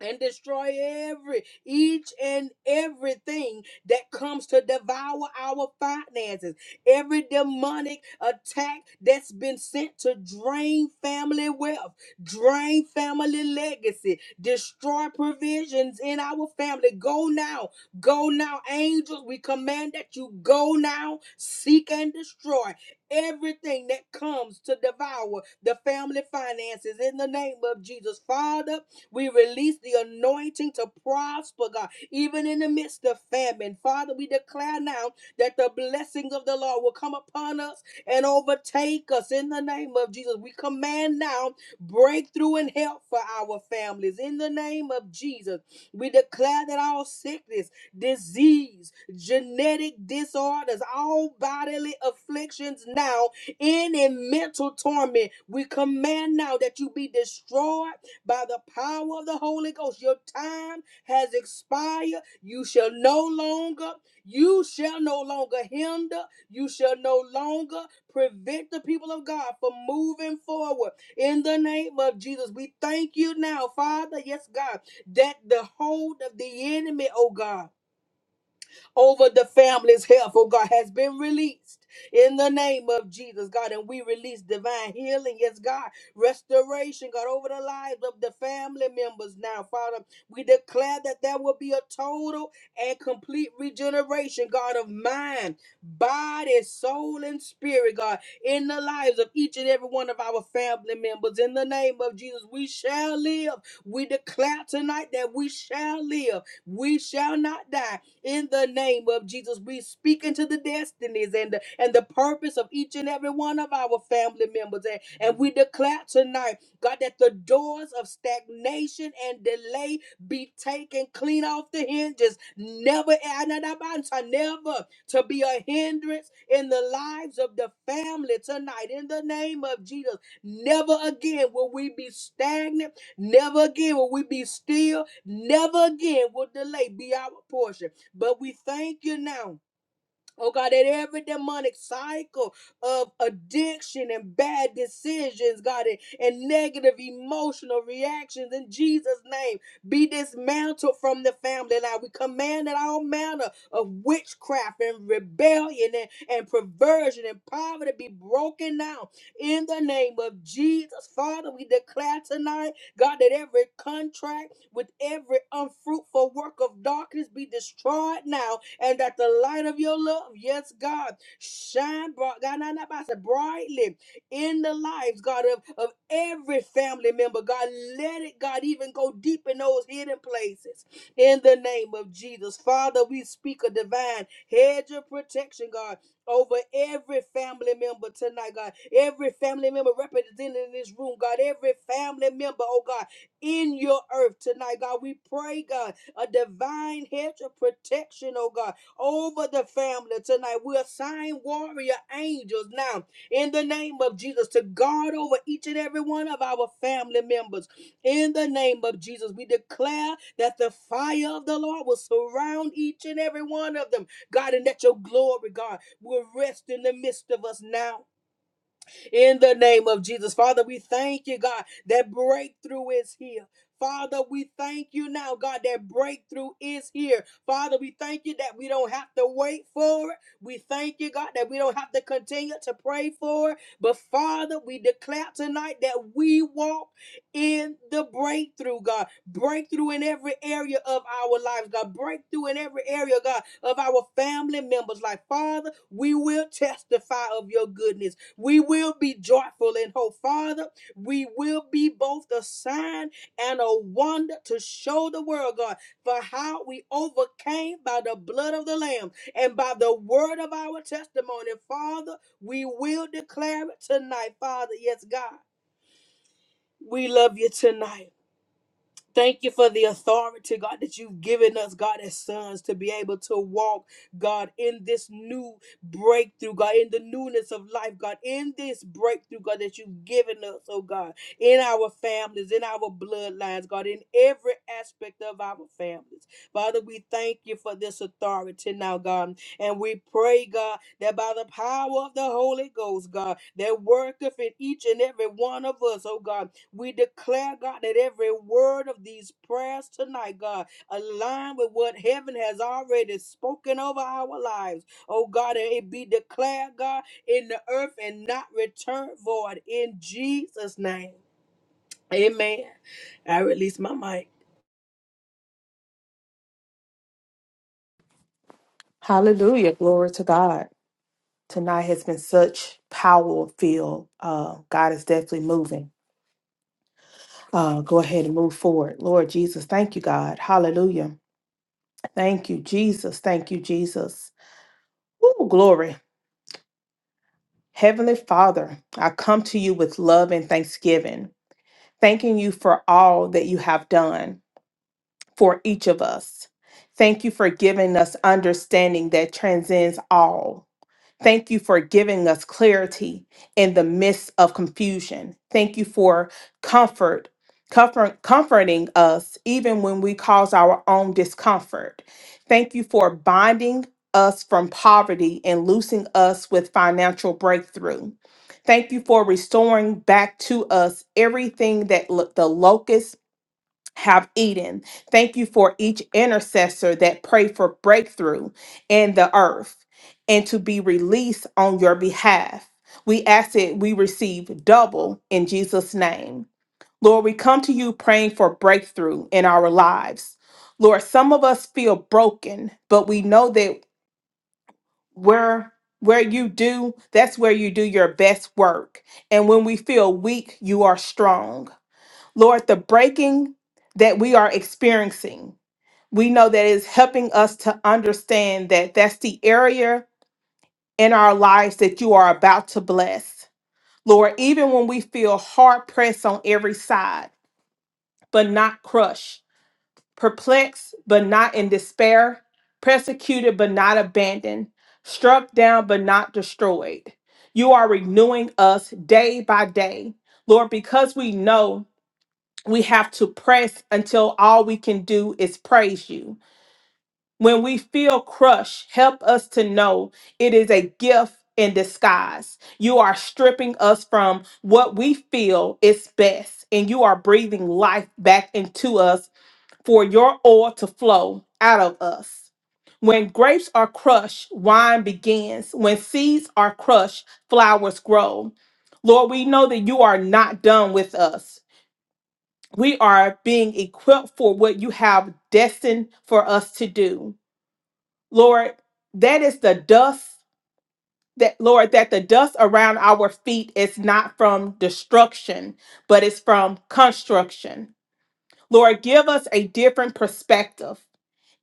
Speaker 4: and destroy every each and everything that comes to devour our finances every demonic attack that's been sent to drain family wealth drain family legacy destroy provisions in our family go now go now angels we command that you go now seek and destroy everything that comes to devour the family finances in the name of jesus father we release the anointing to prosper, God, even in the midst of famine. Father, we declare now that the blessings of the Lord will come upon us and overtake us in the name of Jesus. We command now breakthrough and help for our families in the name of Jesus. We declare that all sickness, disease, genetic disorders, all bodily afflictions now, any mental torment, we command now that you be destroyed by the power of the Holy Ghost. Your time has expired. You shall no longer, you shall no longer hinder, you shall no longer prevent the people of God from moving forward. In the name of Jesus, we thank you now, Father, yes, God, that the hold of the enemy, oh God over the family's health, oh God, has been released in the name of Jesus, God. And we release divine healing, yes, God, restoration, God, over the lives of the family members now, Father. We declare that there will be a total and complete regeneration, God, of mind, body, soul, and spirit, God, in the lives of each and every one of our family members. In the name of Jesus, we shall live. We declare tonight that we shall live. We shall not die in the name of Jesus. We speak into the destinies and the, and the purpose of each and every one of our family members. And, and we declare tonight, God, that the doors of stagnation and delay be taken clean off the hinges. Never, Anadabanta, never to be a hindrance in the lives of the family tonight. In the name of Jesus, never again will we be stagnant. Never again will we be still. Never again will delay be our portion. But we thank you now Oh God, that every demonic cycle of addiction and bad decisions, God, and, and negative emotional reactions in Jesus' name be dismantled from the family. Now we command that all manner of witchcraft and rebellion and, and perversion and poverty be broken down in the name of Jesus. Father, we declare tonight, God, that every contract with every unfruitful work of darkness be destroyed now and that the light of your love, yes, God, shine bright, God, not, not by- brightly in the lives, God, of, of every family member. God, let it, God, even go deep in those hidden places in the name of Jesus. Father, we speak a divine hedge of protection, God, over every family member tonight, God. Every family member represented in this room, God. Every family member, oh God, in your earth tonight, God. We pray, God a divine hedge of protection, oh God, over the family tonight. We assign warrior angels now in the name of Jesus to guard over each and every one of our family members. In the name of Jesus, we declare that the fire of the Lord will surround each and every one of them, God, and that your glory, God, will rest in the midst of us now in the name of Jesus. Father, we thank you, God, that breakthrough is here. Father, we thank you now, God, that breakthrough is here. Father, we thank you that we don't have to wait for it. We thank you, God, that we don't have to continue to pray for it. But Father, we declare tonight that we walk in the breakthrough, God. Breakthrough in every area of our lives, God. Breakthrough in every area, God, of our family members. Like, Father, we will testify of your goodness. We will be joyful in hope, Father. We will be both a sign and a wonder to show the world, God, for how we overcame by the blood of the Lamb and by the word of our testimony. Father, we will declare it tonight, Father. Yes, God. We love you tonight. Thank you for the authority, God, that you've given us, God, as sons, to be able to walk, God, in this new breakthrough, God, in the newness of life, God, in this breakthrough, God, that you've given us, oh God, in our families, in our bloodlines, God, in every aspect of our families. Father, we thank you for this authority now, God. And we pray, God, that by the power of the Holy Ghost, God, that worketh in each and every one of us, oh God we declare, God, that every word of these prayers tonight, God, align with what heaven has already spoken over our lives. Oh, God, and it be declared, God, in the earth and not return void in Jesus' name. Amen. I release my mic.
Speaker 5: Hallelujah. Glory to God. Tonight has been such power filled. Uh, God is definitely moving. Uh, go ahead and move forward. Lord Jesus, thank you, God. Hallelujah. Thank you, Jesus. Thank you, Jesus. Ooh, glory. Heavenly Father, I come to you with love and thanksgiving, thanking you for all that you have done for each of us. Thank you for giving us understanding that transcends all. Thank you for giving us clarity in the midst of confusion. Thank you for comfort, comfort comforting us even when we cause our own discomfort. Thank you for binding us from poverty and loosing us with financial breakthrough. Thank you for restoring back to us everything that lo- the locusts have eaten. Thank you for each intercessor that prayed for breakthrough in the earth and to be released on your behalf. We ask that we receive double in Jesus' name. Lord, we come to you praying for breakthrough in our lives. Lord, some of us feel broken, but we know that where where you do, that's where you do your best work. And when we feel weak, you are strong. Lord, the breaking that we are experiencing, we know that is helping us to understand that that's the area in our lives that you are about to bless. Lord, even when we feel hard pressed on every side, but not crushed, perplexed, but not in despair, persecuted, but not abandoned, struck down, but not destroyed, you are renewing us day by day. Lord, because we know. we have to press until all we can do is praise you. When we feel crushed, help us to know it is a gift in disguise. You are stripping us from what we feel is best, and you are breathing life back into us for your oil to flow out of us. When grapes are crushed, wine begins. When seeds are crushed, flowers grow. Lord, we know that you are not done with us we are being equipped for what you have destined for us to do. Lord, that is the dust that Lord, that the dust around our feet is not from destruction, but it's from construction. Lord, give us a different perspective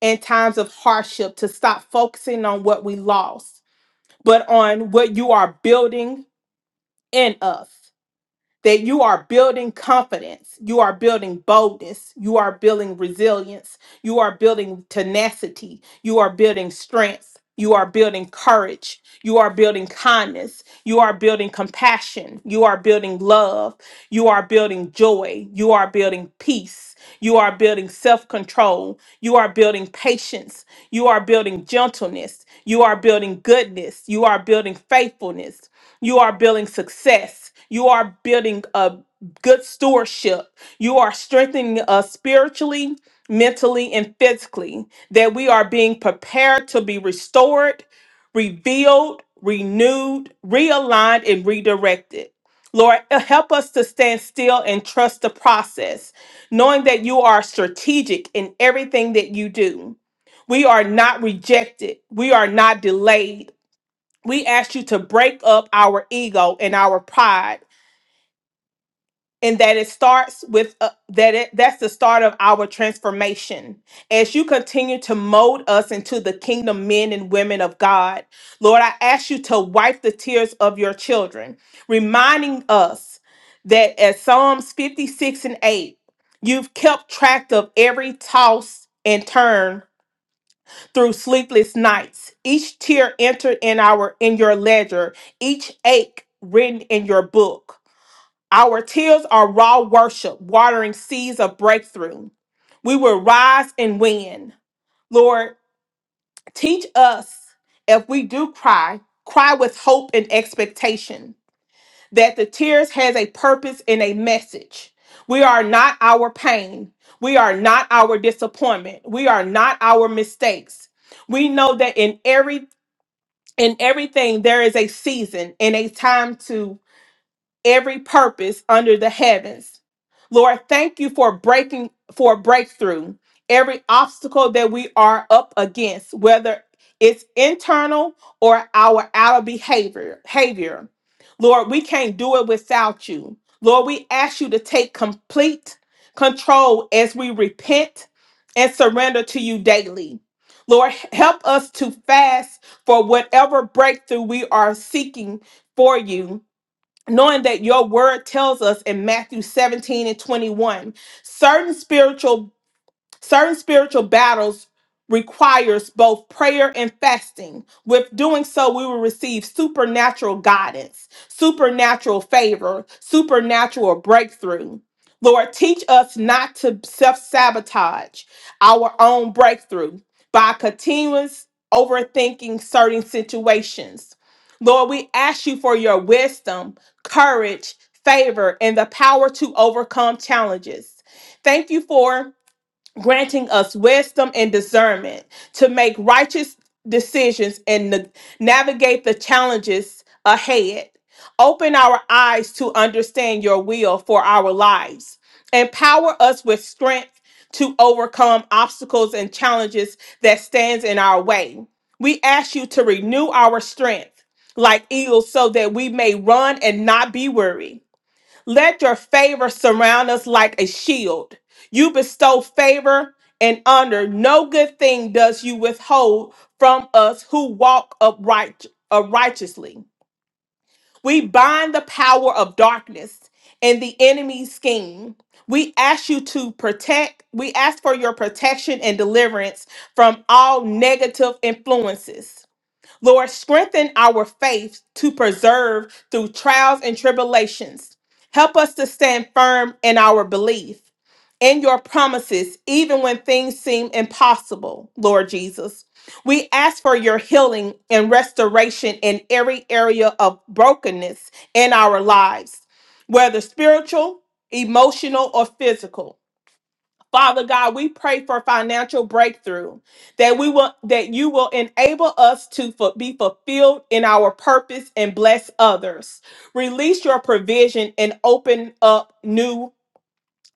Speaker 5: in times of hardship to stop focusing on what we lost, but on what you are building in us. that you are building confidence, you are building boldness, you are building resilience, you are building tenacity, you are building strength, you are building courage, you are building kindness, you are building compassion, you are building love, you are building joy, you are building peace, you are building self control, you are building patience, you are building gentleness, you are building goodness, you are building faithfulness. You are building success. You are building a good stewardship. You are strengthening us spiritually, mentally, and physically, that we are being prepared to be restored, revealed, renewed, realigned, and redirected. Lord, uh, help us to stand still and trust the process, knowing that you are strategic in everything that you do. We are not rejected. We are not delayed we ask you to break up our ego and our pride and that it starts with uh, that it that's the start of our transformation as you continue to mold us into the kingdom men and women of god lord i ask you to wipe the tears of your children reminding us that as psalms 56 and 8 you've kept track of every toss and turn through sleepless nights. Each tear entered in our in your ledger, each ache written in your book. Our tears are raw worship, watering seeds of breakthrough. We will rise and win. Lord, teach us if we do cry, cry with hope and expectation that the tears has a purpose and a message. We are not our pain. We are not our disappointment. We are not our mistakes. We know that in every in everything there is a season and a time to every purpose under the heavens. Lord, thank you for breaking for breakthrough every obstacle that we are up against, whether it's internal or our outer behavior. Behavior, Lord, we can't do it without you. Lord, we ask you to take complete control as we repent and surrender to you daily. Lord, help us to fast for whatever breakthrough we are seeking for you knowing that your word tells us in Matthew 17 and 21 certain spiritual Certain spiritual battles requires both prayer and fasting. With doing so, we will receive supernatural guidance, supernatural favor, supernatural breakthrough. Lord, teach us not to self-sabotage our own breakthrough by continuous overthinking certain situations. Lord, we ask you for your wisdom, courage, favor, and the power to overcome challenges. Thank you for granting us wisdom and discernment to make righteous decisions and na- navigate the challenges ahead. Open our eyes to understand your will for our lives. Empower us with strength to overcome obstacles and challenges that stands in our way. We ask you to renew our strength like eagles so that we may run and not be weary let your favor surround us like a shield. You bestow favor and honor. No good thing does you withhold from us who walk upright uh, righteously. We bind the power of darkness and the enemy's scheme. We ask you to protect, we ask for your protection and deliverance from all negative influences. Lord, strengthen our faith to preserve through trials and tribulations. Help us to stand firm in our belief in your promises, even when things seem impossible, Lord Jesus. We ask for your healing and restoration in every area of brokenness in our lives, whether spiritual, emotional, or physical. Father God, we pray for financial breakthrough that we will that you will enable us to fu- be fulfilled in our purpose and bless others. Release your provision and open up new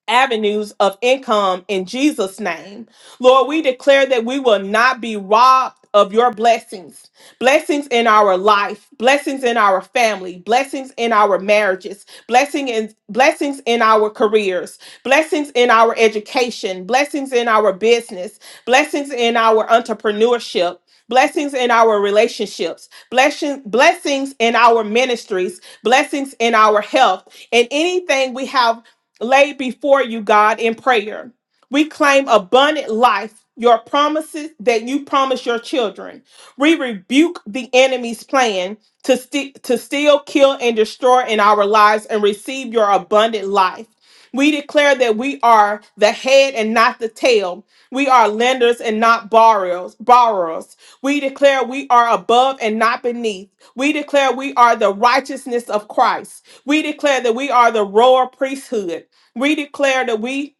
Speaker 5: avenues of income in Jesus' name. Lord, we declare that we will not be robbed of your blessings, blessings in our life, blessings in our family, blessings in our marriages, blessing in blessings in our careers, blessings in our education, blessings in our business, blessings in our entrepreneurship. Blessings in our relationships, blessing, blessings in our ministries, blessings in our health, and anything we have laid before you, God, in prayer. We claim abundant life, your promises that you promise your children. We rebuke the enemy's plan to, st- to steal, kill, and destroy in our lives and receive your abundant life. We declare that we are the head and not the tail. We are lenders and not borrowers. borrowers. We declare we are above and not beneath. We declare we are the righteousness of Christ. We declare that we are the royal priesthood. We declare that we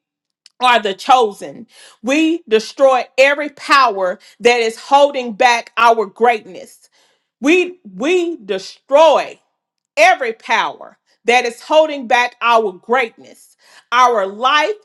Speaker 5: are the chosen. We destroy every power that is holding back our greatness. We we destroy every power that is holding back our greatness. Our life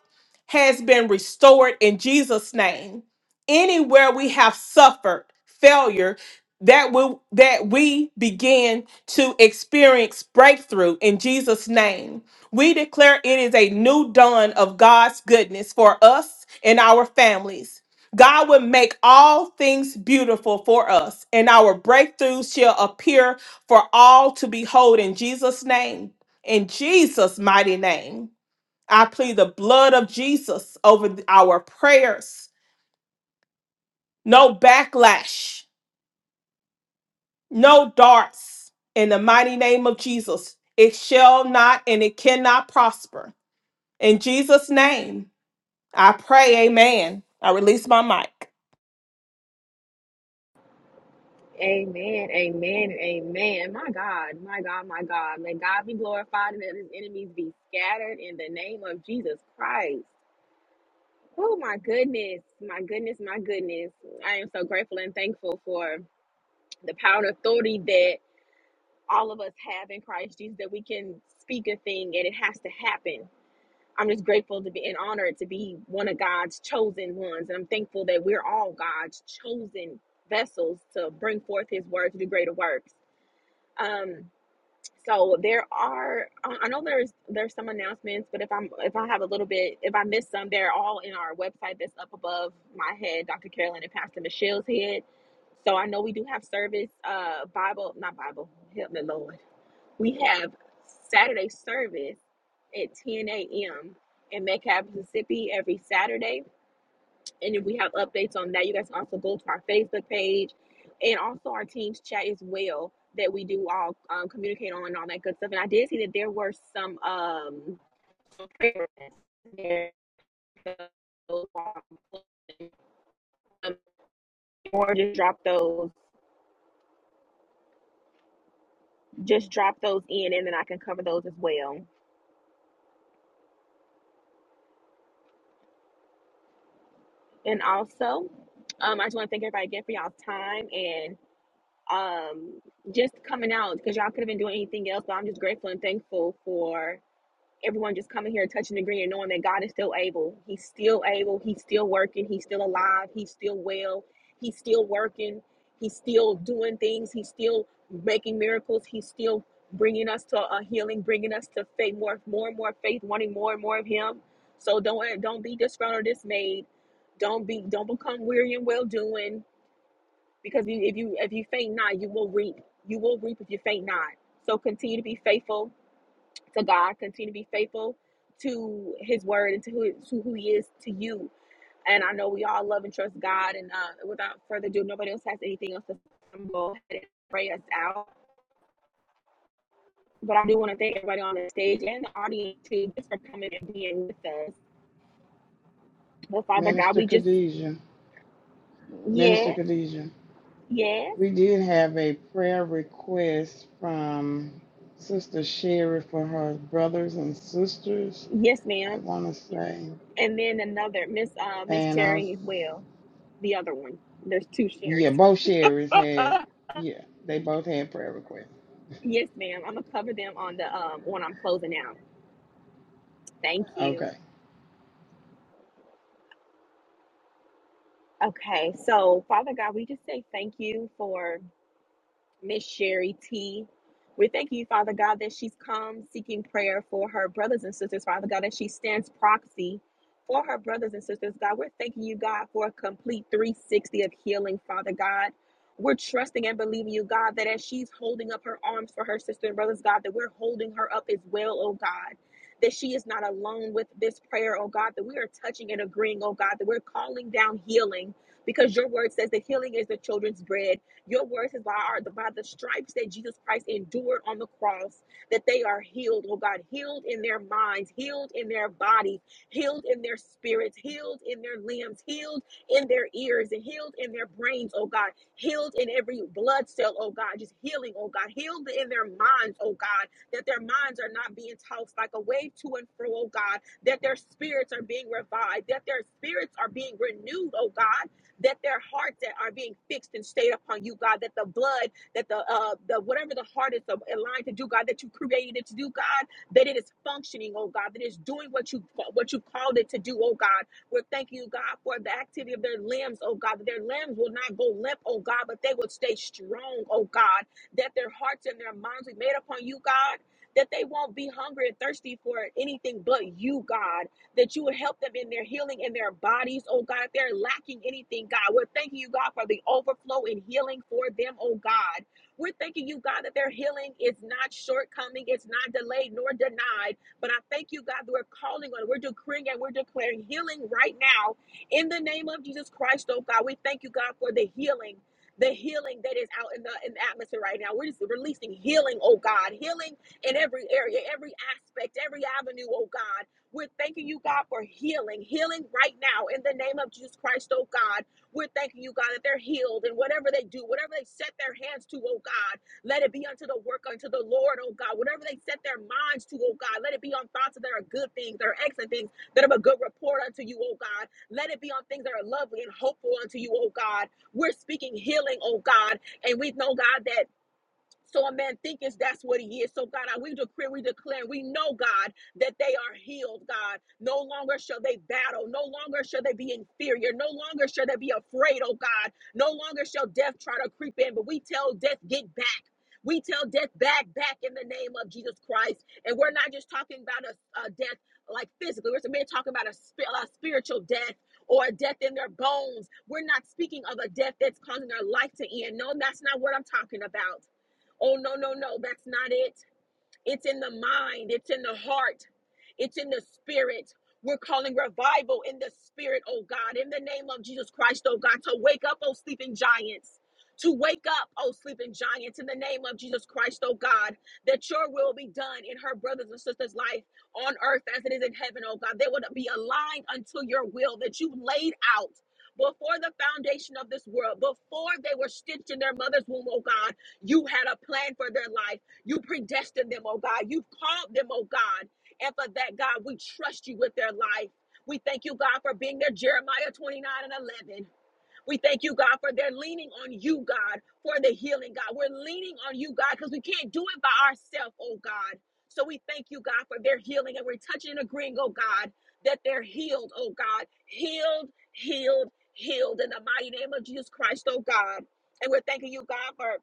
Speaker 5: has been restored in Jesus' name. Anywhere we have suffered failure, that we that we begin to experience breakthrough in Jesus' name. We declare it is a new dawn of God's goodness for us and our families. God will make all things beautiful for us, and our breakthroughs shall appear for all to behold in Jesus' name, in Jesus' mighty name. I plead the blood of Jesus over th- our prayers. No backlash, no darts. In the mighty name of Jesus, it shall not and it cannot prosper. In Jesus' name, I pray, amen. I release my mic.
Speaker 2: Amen, amen, amen. My God, my God, my God. May God be glorified and let his enemies be scattered in the name of Jesus Christ. Oh, my goodness, my goodness, my goodness. I am so grateful and thankful for. the power and authority that all of us have in Christ Jesus that we can speak a thing and it has to happen. I'm just grateful to be and honored to be one of God's chosen ones. And I'm thankful that we're all God's chosen vessels to bring forth his word to do greater works. Um, so there are, I I know there's there's some announcements, but if I'm if I have a little bit, if I miss some, they're all in our website that's up above my head, Dr. Carolyn and Pastor Michelle's head. So I know we do have service, uh, Bible, not Bible, help me Lord. We have Saturday service at 10 a.m. in Metcalf, Mississippi every Saturday. And if we have updates on that, you guys can also go to our Facebook page and also our team's chat as well that we do all um, communicate on and all that good stuff. And I did see that there were some um there- um, or just drop those just drop those in and then I can cover those as well. And also, um, I just want to thank everybody again for y'all's time and um just coming out because y'all could have been doing anything else, but I'm just grateful and thankful for. everyone just coming here touching the green and knowing that God is still able. He's still able. He's still working. He's still alive. He's still well. He's still working. He's still doing things. He's still making miracles. He's still bringing us to a healing, bringing us to faith, more, more and more faith, wanting more and more of Him. So don't don't be disgruntled, or dismayed. Don't be don't become weary and well doing because you, if you if you faint not, you will reap. You will reap if you faint not. So continue to be faithful to God. Continue to be faithful to His word and to who, to who He is to you. And I know we all love and trust God. And uh, without further ado, nobody else has anything else to go ahead and pray us out. But I do want to thank everybody on the stage and the audience too, just for coming and being with us. Well, Father God,
Speaker 3: Minister
Speaker 2: we just
Speaker 3: Khadijah. Minister
Speaker 2: yes,
Speaker 3: Khadijah.
Speaker 2: yes,
Speaker 3: We did have a prayer request from Sister Sherry for her brothers and sisters,
Speaker 2: yes,
Speaker 3: I
Speaker 2: ma'am.
Speaker 3: want to say.
Speaker 2: And then another Miss uh, Miss
Speaker 3: And I,
Speaker 2: Cherry as well. The other one. There's two
Speaker 3: yeah,
Speaker 2: Sherrys.
Speaker 3: both Sherry's had, yeah, they both had prayer requests.
Speaker 2: Yes, ma'am. I'm gonna cover them on the um when I'm closing out. Thank you.
Speaker 3: Okay.
Speaker 2: Okay, so Father God, we just say thank you for Miss Sherry T. We thank you, Father God, that she's come seeking prayer for her brothers and sisters, Father God, that she stands proxy for her brothers and sisters, God. We're thanking you, God, for a complete 360 of healing, Father God. We're trusting and believing you, God, that as she's holding up her arms for her sister and brothers, God, that we're holding her up as well, oh God. That she is not alone with this prayer, oh God, that we are touching and agreeing, oh God, that we're calling down healing because your word says that healing is the children's bread. Your word says by, our, by the stripes that Jesus Christ endured on the cross, that they are healed, oh God, healed in their minds, healed in their bodies, healed in their spirits, healed in their limbs, healed in their ears, and healed in their brains, oh God, healed in every blood cell, oh God, just healing, oh God, healed in their minds, oh God, that their minds are not being tossed like a wave to and fro, oh God, that their spirits are being revived, that their spirits are being renewed, oh God, that their hearts that are being fixed and stayed upon you, God, that the blood, that the uh the whatever the heart is aligned to do, God, that you created it to do, God, that it is functioning, oh God, that it's doing what you what you called it to do, oh God. We're thanking you, God, for the activity of their limbs, oh God, that their limbs will not go limp, oh God, but they will stay strong, oh God, that their hearts and their minds be made upon you, God. That they won't be hungry and thirsty for anything but you, God that you would help them in their healing in their bodies, oh God. If they're lacking anything, God, we're thanking you, God, for the overflow and healing for them, oh God. We're thanking you, God, that their healing is not shortcoming, it's not delayed nor denied. But I thank you, God, that we're calling on, we're decreeing and we're declaring healing right now in the name of Jesus Christ, oh God. We thank you, God, for the healing. The healing that is out in the, in the atmosphere right now. We're just releasing healing, oh God. Healing in every area, every aspect, every avenue, oh God. We're thanking you, God, for healing, healing right now in the name of Jesus Christ, oh God. We're thanking you, God, that they're healed and whatever they do, whatever they set their hands to, oh God, let it be unto the work unto the Lord, oh God. Whatever they set their minds to, oh God, let it be on thoughts that are good things, that are excellent things, that have a good report unto you, oh God. Let it be on things that are lovely and hopeful unto you, oh God. We're speaking healing, oh God, and we know, God, that. So a man thinketh that's what he is. So God, I- we decree, we declare, we know, God, that they are healed, God. No longer shall they battle. No longer shall they be inferior. No longer shall they be afraid, oh God. No longer shall death try to creep in. But we tell death, get back. We tell death back, back in the name of Jesus Christ. And we're not just talking about a, a death like physically. We're men talking about a, spi- a spiritual death or a death in their bones. We're not speaking of a death that's causing their life to end. No, that's not what I'm talking about. Oh, no, no, no, that's not it. It's in the mind, it's in the heart, it's in the spirit. We're calling revival in the spirit, oh God, in the name of Jesus Christ, oh God, to wake up, oh sleeping giants. To wake up, oh sleeping giants, in the name of Jesus Christ, oh God, that your will be done in her brothers and sisters' life on earth as it is in heaven, oh God. They would be aligned unto your will that you laid out before the foundation of this world, before they were stitched in their mother's womb, oh God, you had a plan for their life. You predestined them, oh God. You've called them, oh God. And for that, God, we trust you with their life. We thank you, God, for being their Jeremiah 29 and 11. We thank you, God, for their leaning on you, God, for the healing, God. We're leaning on you, God, because we can't do it by ourselves, oh God. So we thank you, God, for their healing. And we're touching and agreeing, oh God, that they're healed, oh God. Healed, healed, healed in the mighty name of Jesus Christ, oh God. And we're thanking you, God, for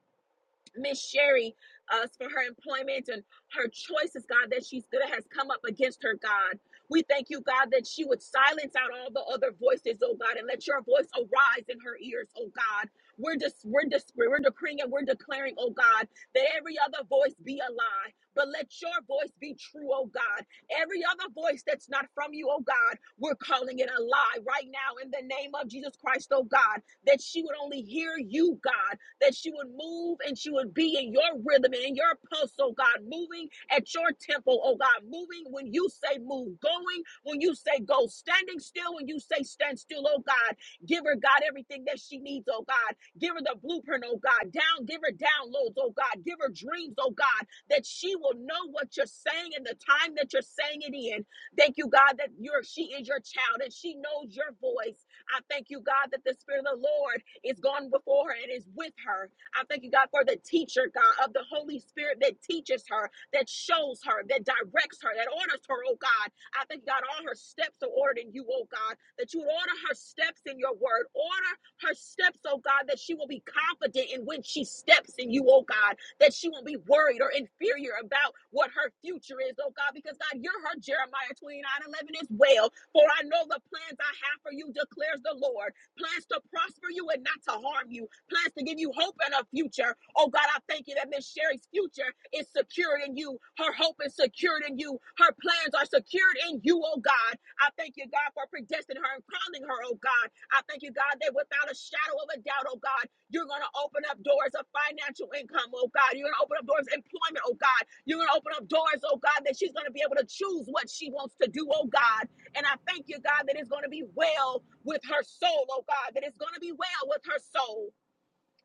Speaker 2: Miss Sherry uh, for her employment and her choices, God, that she's good has come up against her, God. We thank you, God, that she would silence out all the other voices, oh God, and let your voice arise in her ears, oh God. We're just we're just we're decreeing and we're declaring, oh God, that every other voice be a lie, but let your voice be true, oh God. Every other voice that's not from you, oh God, we're calling it a lie right now in the name of Jesus Christ, oh God, that she would only hear you, God that she would move and she would be in your rhythm and in your pulse, oh God, moving at your tempo, oh God, moving when you say move, going when you say go, standing still when you say stand still, oh God. Give her, God, everything that she needs, oh God. Give her the blueprint, oh God. Down, give her downloads, oh God. Give her dreams, oh God, that she will know what you're saying and the time that you're saying it in. Thank you, God, that you're she is your child and she knows your voice. I thank you, God, that the Spirit of the Lord. Is gone before her and is with her. I thank you, God, for the teacher, God, of the Holy Spirit that teaches her, that shows her, that directs her, that orders her, oh God. I thank you, God, all her steps are ordered in you, oh God, that you would order her steps in your word. Order her steps, oh God, that she will be confident in when she steps in you, oh God, that she won't be worried or inferior about what her future is, oh God, because God, you're her Jeremiah 29 11 as well. For I know the plans I have for you, declares the Lord plans to prosper you and not to harm you, plans to give you hope and a future. Oh God, I thank you that Miss Sherry's future is secured in you. Her hope is secured in you. Her plans are secured in you, oh God. I thank you, God, for predestining her and calling her, oh God. I thank you, God, that without a shadow of a doubt, oh God, you're going to open up doors of financial income, oh God. You're going to open up doors of employment, oh God. You're going to open up doors, oh God, that she's going to be able to choose what she wants to do, oh God. And I thank you, God, that it's going to be well with her soul, oh God, that it's going to be well with her soul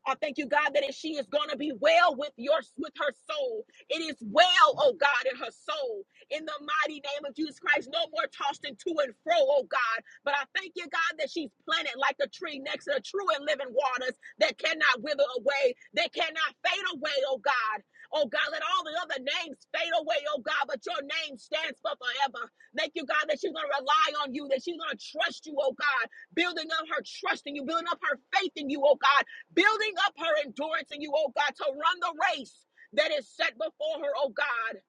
Speaker 2: I thank you, God, that she is going to be well with your with her soul. It is well, oh God, in her soul. In the mighty name of Jesus Christ, no more tossed and to and fro, oh God. But I thank you, God, that she's planted like a tree next to the true and living waters that cannot wither away, that cannot fade away, oh God. Oh God, let all the other names fade away, oh God, but your name stands for forever. Thank you, God, that she's going to rely on you, that she's going to trust you, oh God, building up her trust in you, building up her faith in you, oh God building up her endurance in you, oh God, to run the race that is set before her, oh God.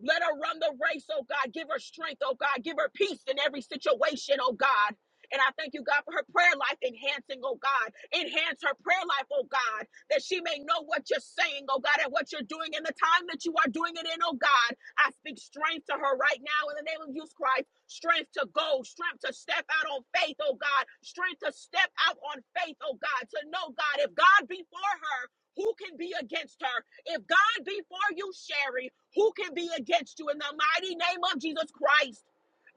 Speaker 2: Let her run the race, oh God. Give her strength, oh God. Give her peace in every situation, oh God. And I thank you, God, for her prayer life enhancing, oh God. Enhance her prayer life, oh God, that she may know what you're saying, oh God, and what you're doing in the time that you are doing it in, oh God. I speak strength to her right now in the name of Jesus Christ strength to go, strength to step out on faith, oh God, strength to step out on faith, oh God, to know, God, if God be for her, who can be against her? If God be for you, Sherry, who can be against you? In the mighty name of Jesus Christ.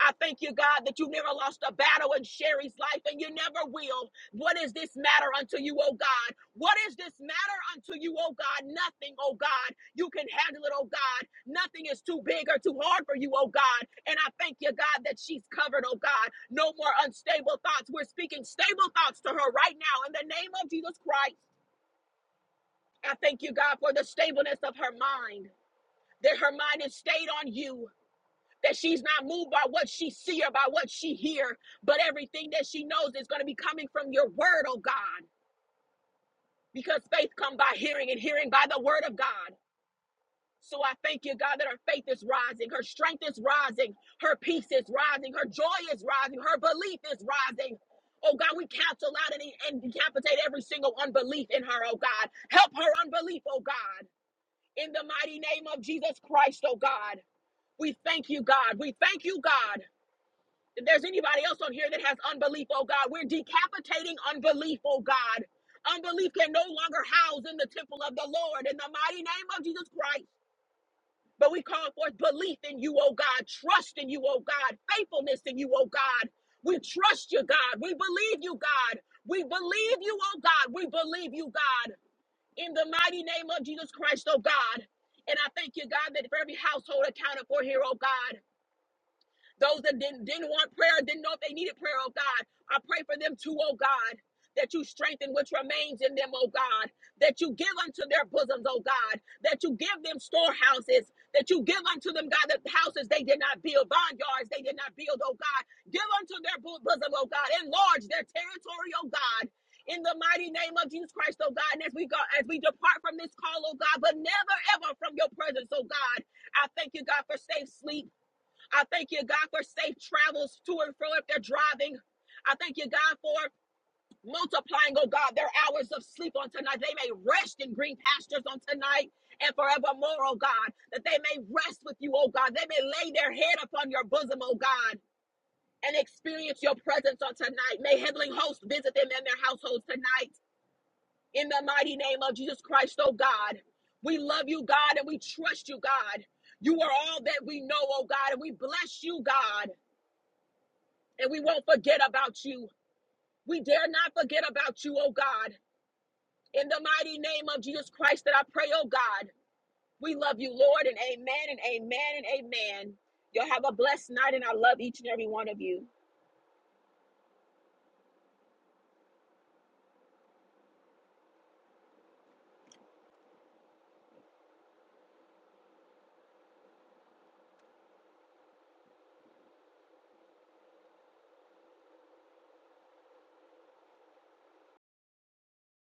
Speaker 2: I thank you, God, that you never lost a battle in Sherry's life and you never will. What is this matter unto you, O God? What is this matter unto you, O God? Nothing, O God. You can handle it, O God. Nothing is too big or too hard for you, O God. And I thank you, God, that she's covered, O God. No more unstable thoughts. We're speaking stable thoughts to her right now in the name of Jesus Christ. I thank you, God, for the stableness of her mind, that her mind is stayed on you. That she's not moved by what she see or by what she hear, but everything that she knows is going to be coming from your word, oh God. because faith come by hearing and hearing by the word of God. So I thank you, God, that her faith is rising, her strength is rising, her peace is rising, her joy is rising, her belief is rising. Oh God, we cancel out and, and decapitate every single unbelief in her, oh God. Help her unbelief, oh God, in the mighty name of Jesus Christ, oh God. We thank you, God. We thank you, God. If there's anybody else on here that has unbelief, oh God, we're decapitating unbelief, oh God. Unbelief can no longer house in the temple of the Lord in the mighty name of Jesus Christ. But we call forth belief in you, oh God, trust in you, oh God, faithfulness in you, oh God. We trust you, God. We believe you, God. We believe you, oh God. We believe you, God. In the mighty name of Jesus Christ, oh God. And I thank you, God, that for every household accounted for here, oh God. Those that didn't, didn't want prayer, didn't know if they needed prayer, oh God, I pray for them too, oh God. That you strengthen which remains in them, oh God. That you give unto their bosoms, oh God. That you give them storehouses. That you give unto them, God, the houses they did not build, Vineyards they did not build, oh God. Give unto their bosom, oh God. Enlarge their territory, oh God in the mighty name of Jesus Christ, oh God. And as we go, as we depart from this call, oh God, but never ever from your presence, oh God. I thank you, God, for safe sleep. I thank you, God, for safe travels to and fro if they're driving. I thank you, God, for multiplying, oh God, their hours of sleep on tonight. They may rest in green pastures on tonight and forevermore, oh God, that they may rest with you, oh God. They may lay their head upon your bosom, oh God, and experience your presence on tonight. May heavenly hosts visit them and their households tonight. In the mighty name of Jesus Christ, oh God, we love you, God, and we trust you, God. You are all that we know, oh God, and we bless you, God. and we won't forget about you. We dare not forget about you, oh God. In the mighty name of Jesus Christ that I pray, oh God. We love you, Lord, and amen and amen and amen. Y'all have a blessed night, and I love each and every one of you.